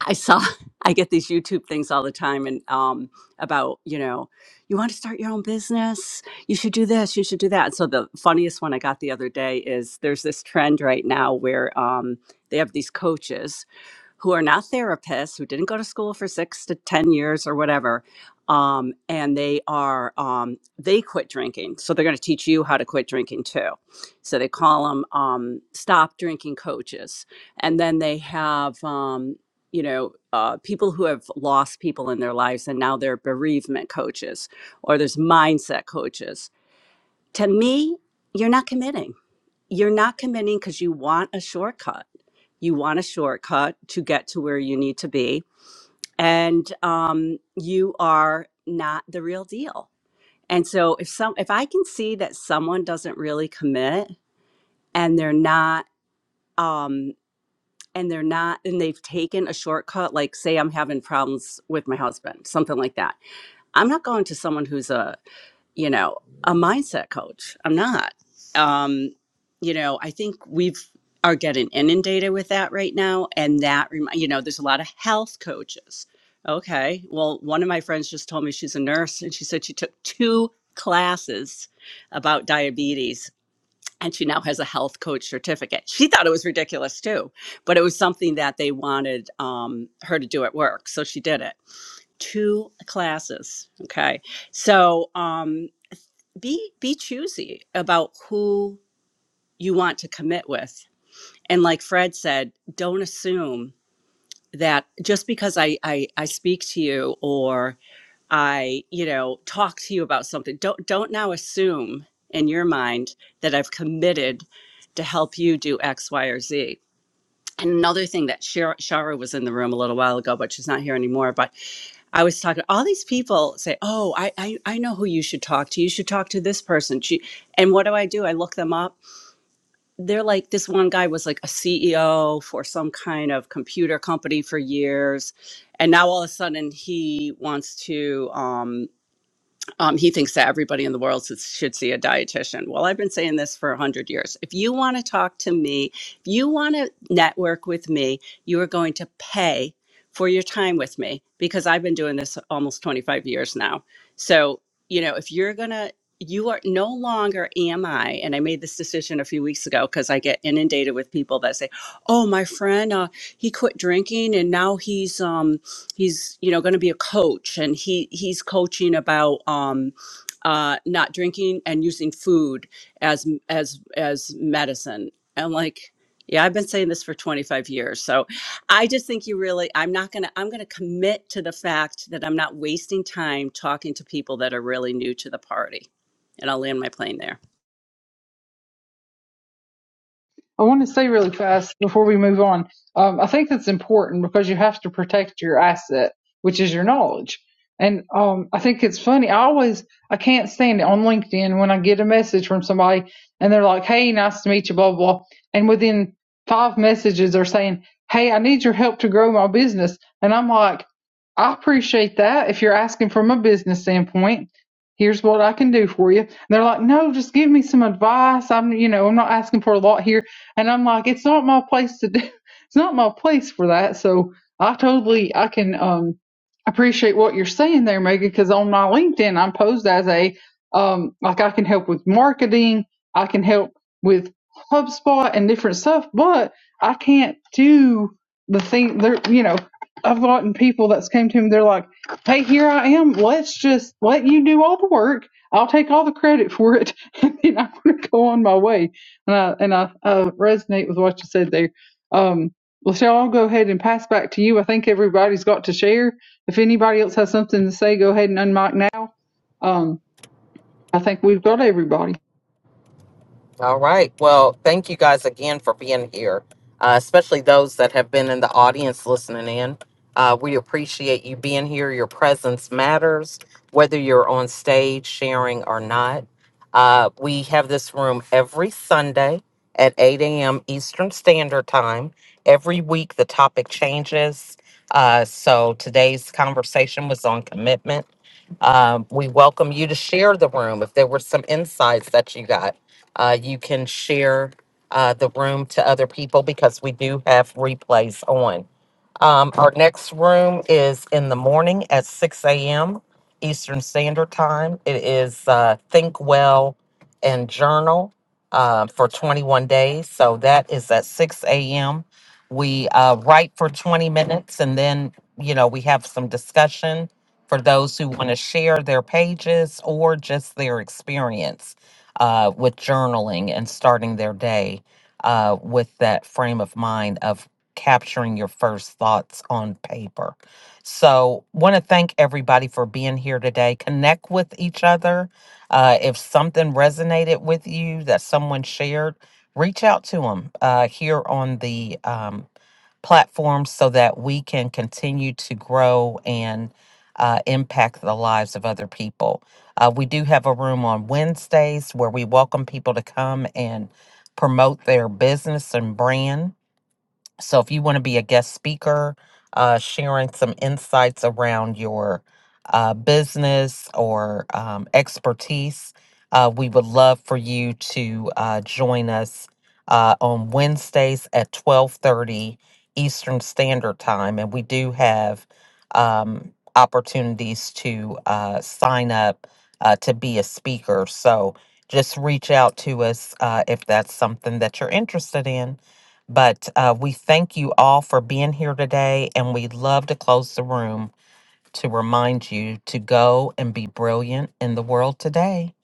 I saw I get these YouTube things all the time and um about, you know, you want to start your own business, you should do this, you should do that. So the funniest one I got the other day is there's this trend right now where um they have these coaches who are not therapists, who didn't go to school for six to 10 years or whatever. Um, and they are, um, they quit drinking. So they're going to teach you how to quit drinking too. So they call them um, stop drinking coaches. And then they have, um, you know, uh, people who have lost people in their lives and now they're bereavement coaches or there's mindset coaches. To me, you're not committing you're not committing because you want a shortcut. You want a shortcut to get to where you need to be. And um, you are not the real deal. And so if some if I can see that someone doesn't really commit and they're not um and they're not and they've taken a shortcut, like say I'm having problems with my husband, something like that. I'm not going to someone who's a you know, a mindset coach. I'm not. Um, you know, I think we've are getting inundated with that right now, and that remi- you know, there's a lot of health coaches. Okay, well, one of my friends just told me she's a nurse, and she said she took two classes about diabetes. And she now has a health coach certificate. She thought it was ridiculous too, but it was something that they wanted um, her to do at work. So she did it. Two classes. Okay. So, um, be be choosy about who you want to commit with and like fred said don't assume that just because I, I i speak to you or i you know talk to you about something don't don't now assume in your mind that i've committed to help you do x y or z and another thing that Shar- Shara was in the room a little while ago, but she's not here anymore. But I was talking, all these people say, Oh, I, I, I know who you should talk to. You should talk to this person. She, and what do I do? I look them up. They're like, this one guy was like a CEO for some kind of computer company for years. And now all of a sudden he wants to, um, um, he thinks that everybody in the world should see a dietitian. Well, I've been saying this for 100 years. If you want to talk to me, if you want to network with me, you are going to pay for your time with me because I've been doing this almost 25 years now. So, you know, if you're going to, you are no longer am I, and I made this decision a few weeks ago because I get inundated with people that say, "Oh, my friend, uh, he quit drinking and now he's um, he's you know going to be a coach and he he's coaching about um uh not drinking and using food as as as medicine and like yeah i've been saying this for 25 years so i just think you really i'm not going to i'm going to commit to the fact that i'm not wasting time talking to people that are really new to the party and i'll land my plane there I want to say really fast before we move on. Um, I think that's important because you have to protect your asset, which is your knowledge. And um, I think it's funny. I always I can't stand it on LinkedIn when I get a message from somebody and they're like, "Hey, nice to meet you," blah blah, blah. and within five messages they're saying, "Hey, I need your help to grow my business," and I'm like, "I appreciate that. If you're asking from a business standpoint, here's what I can do for you." And they're like, no, just give me some advice. I'm, you know, I'm not asking for a lot here and I'm like, it's not my place to do. It's not my place for that. So I totally, I can um, appreciate what you're saying there, Megan. Because on my LinkedIn, I'm posed as a um, like I can help with marketing. I can help with HubSpot and different stuff, but I can't do the thing. There, you know, I've gotten people that's came to me. They're like, "Hey, here I am. Let's just let you do all the work. I'll take all the credit for it, and then I'm going to go on my way." And I and I uh, resonate with what you said there. Um, well, shall I go ahead and pass back to you? I think everybody's got to share. If anybody else has something to say, go ahead and unmic now. Um, I think we've got everybody. All right. Well, thank you guys again for being here, uh, especially those that have been in the audience listening in. Uh, we appreciate you being here. Your presence matters, whether you're on stage sharing or not. Uh, we have this room every Sunday at 8 a.m. Eastern Standard Time. Every week, the topic changes. Uh, so today's conversation was on commitment. Um, we welcome you to share the room if there were some insights that you got uh, you can share uh, the room to other people because we do have replays on. Um, our next room is in the morning at 6 a.m. Eastern Standard Time. It is uh, Think Well and Journal uh, for 21 days. So that is at 6 a.m. We uh, write for 20 minutes and then, you know, we have some discussion for those who want to share their pages or just their experience uh, with journaling and starting their day uh, with that frame of mind of capturing your first thoughts on paper. So, want to thank everybody for being here today. Connect with each other. Uh, if something resonated with you that someone shared, reach out to them uh, here on the um, platforms so that we can continue to grow and uh, impact the lives of other people. Uh, we do have a room on Wednesdays where we welcome people to come and promote their business and brand. So if you want to be a guest speaker, uh, sharing some insights around your uh, business or um, expertise, uh, we would love for you to uh, join us uh, on Wednesdays at twelve thirty Eastern Standard Time, and we do have um, opportunities to uh, sign up uh, to be a speaker. So just reach out to us uh, if that's something that you're interested in. But uh, we thank you all for being here today, and we love to close the room to remind you to go and be brilliant in the world today.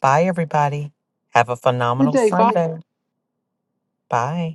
Bye, everybody. Have a Good phenomenal day. Bye. Sunday. Bye.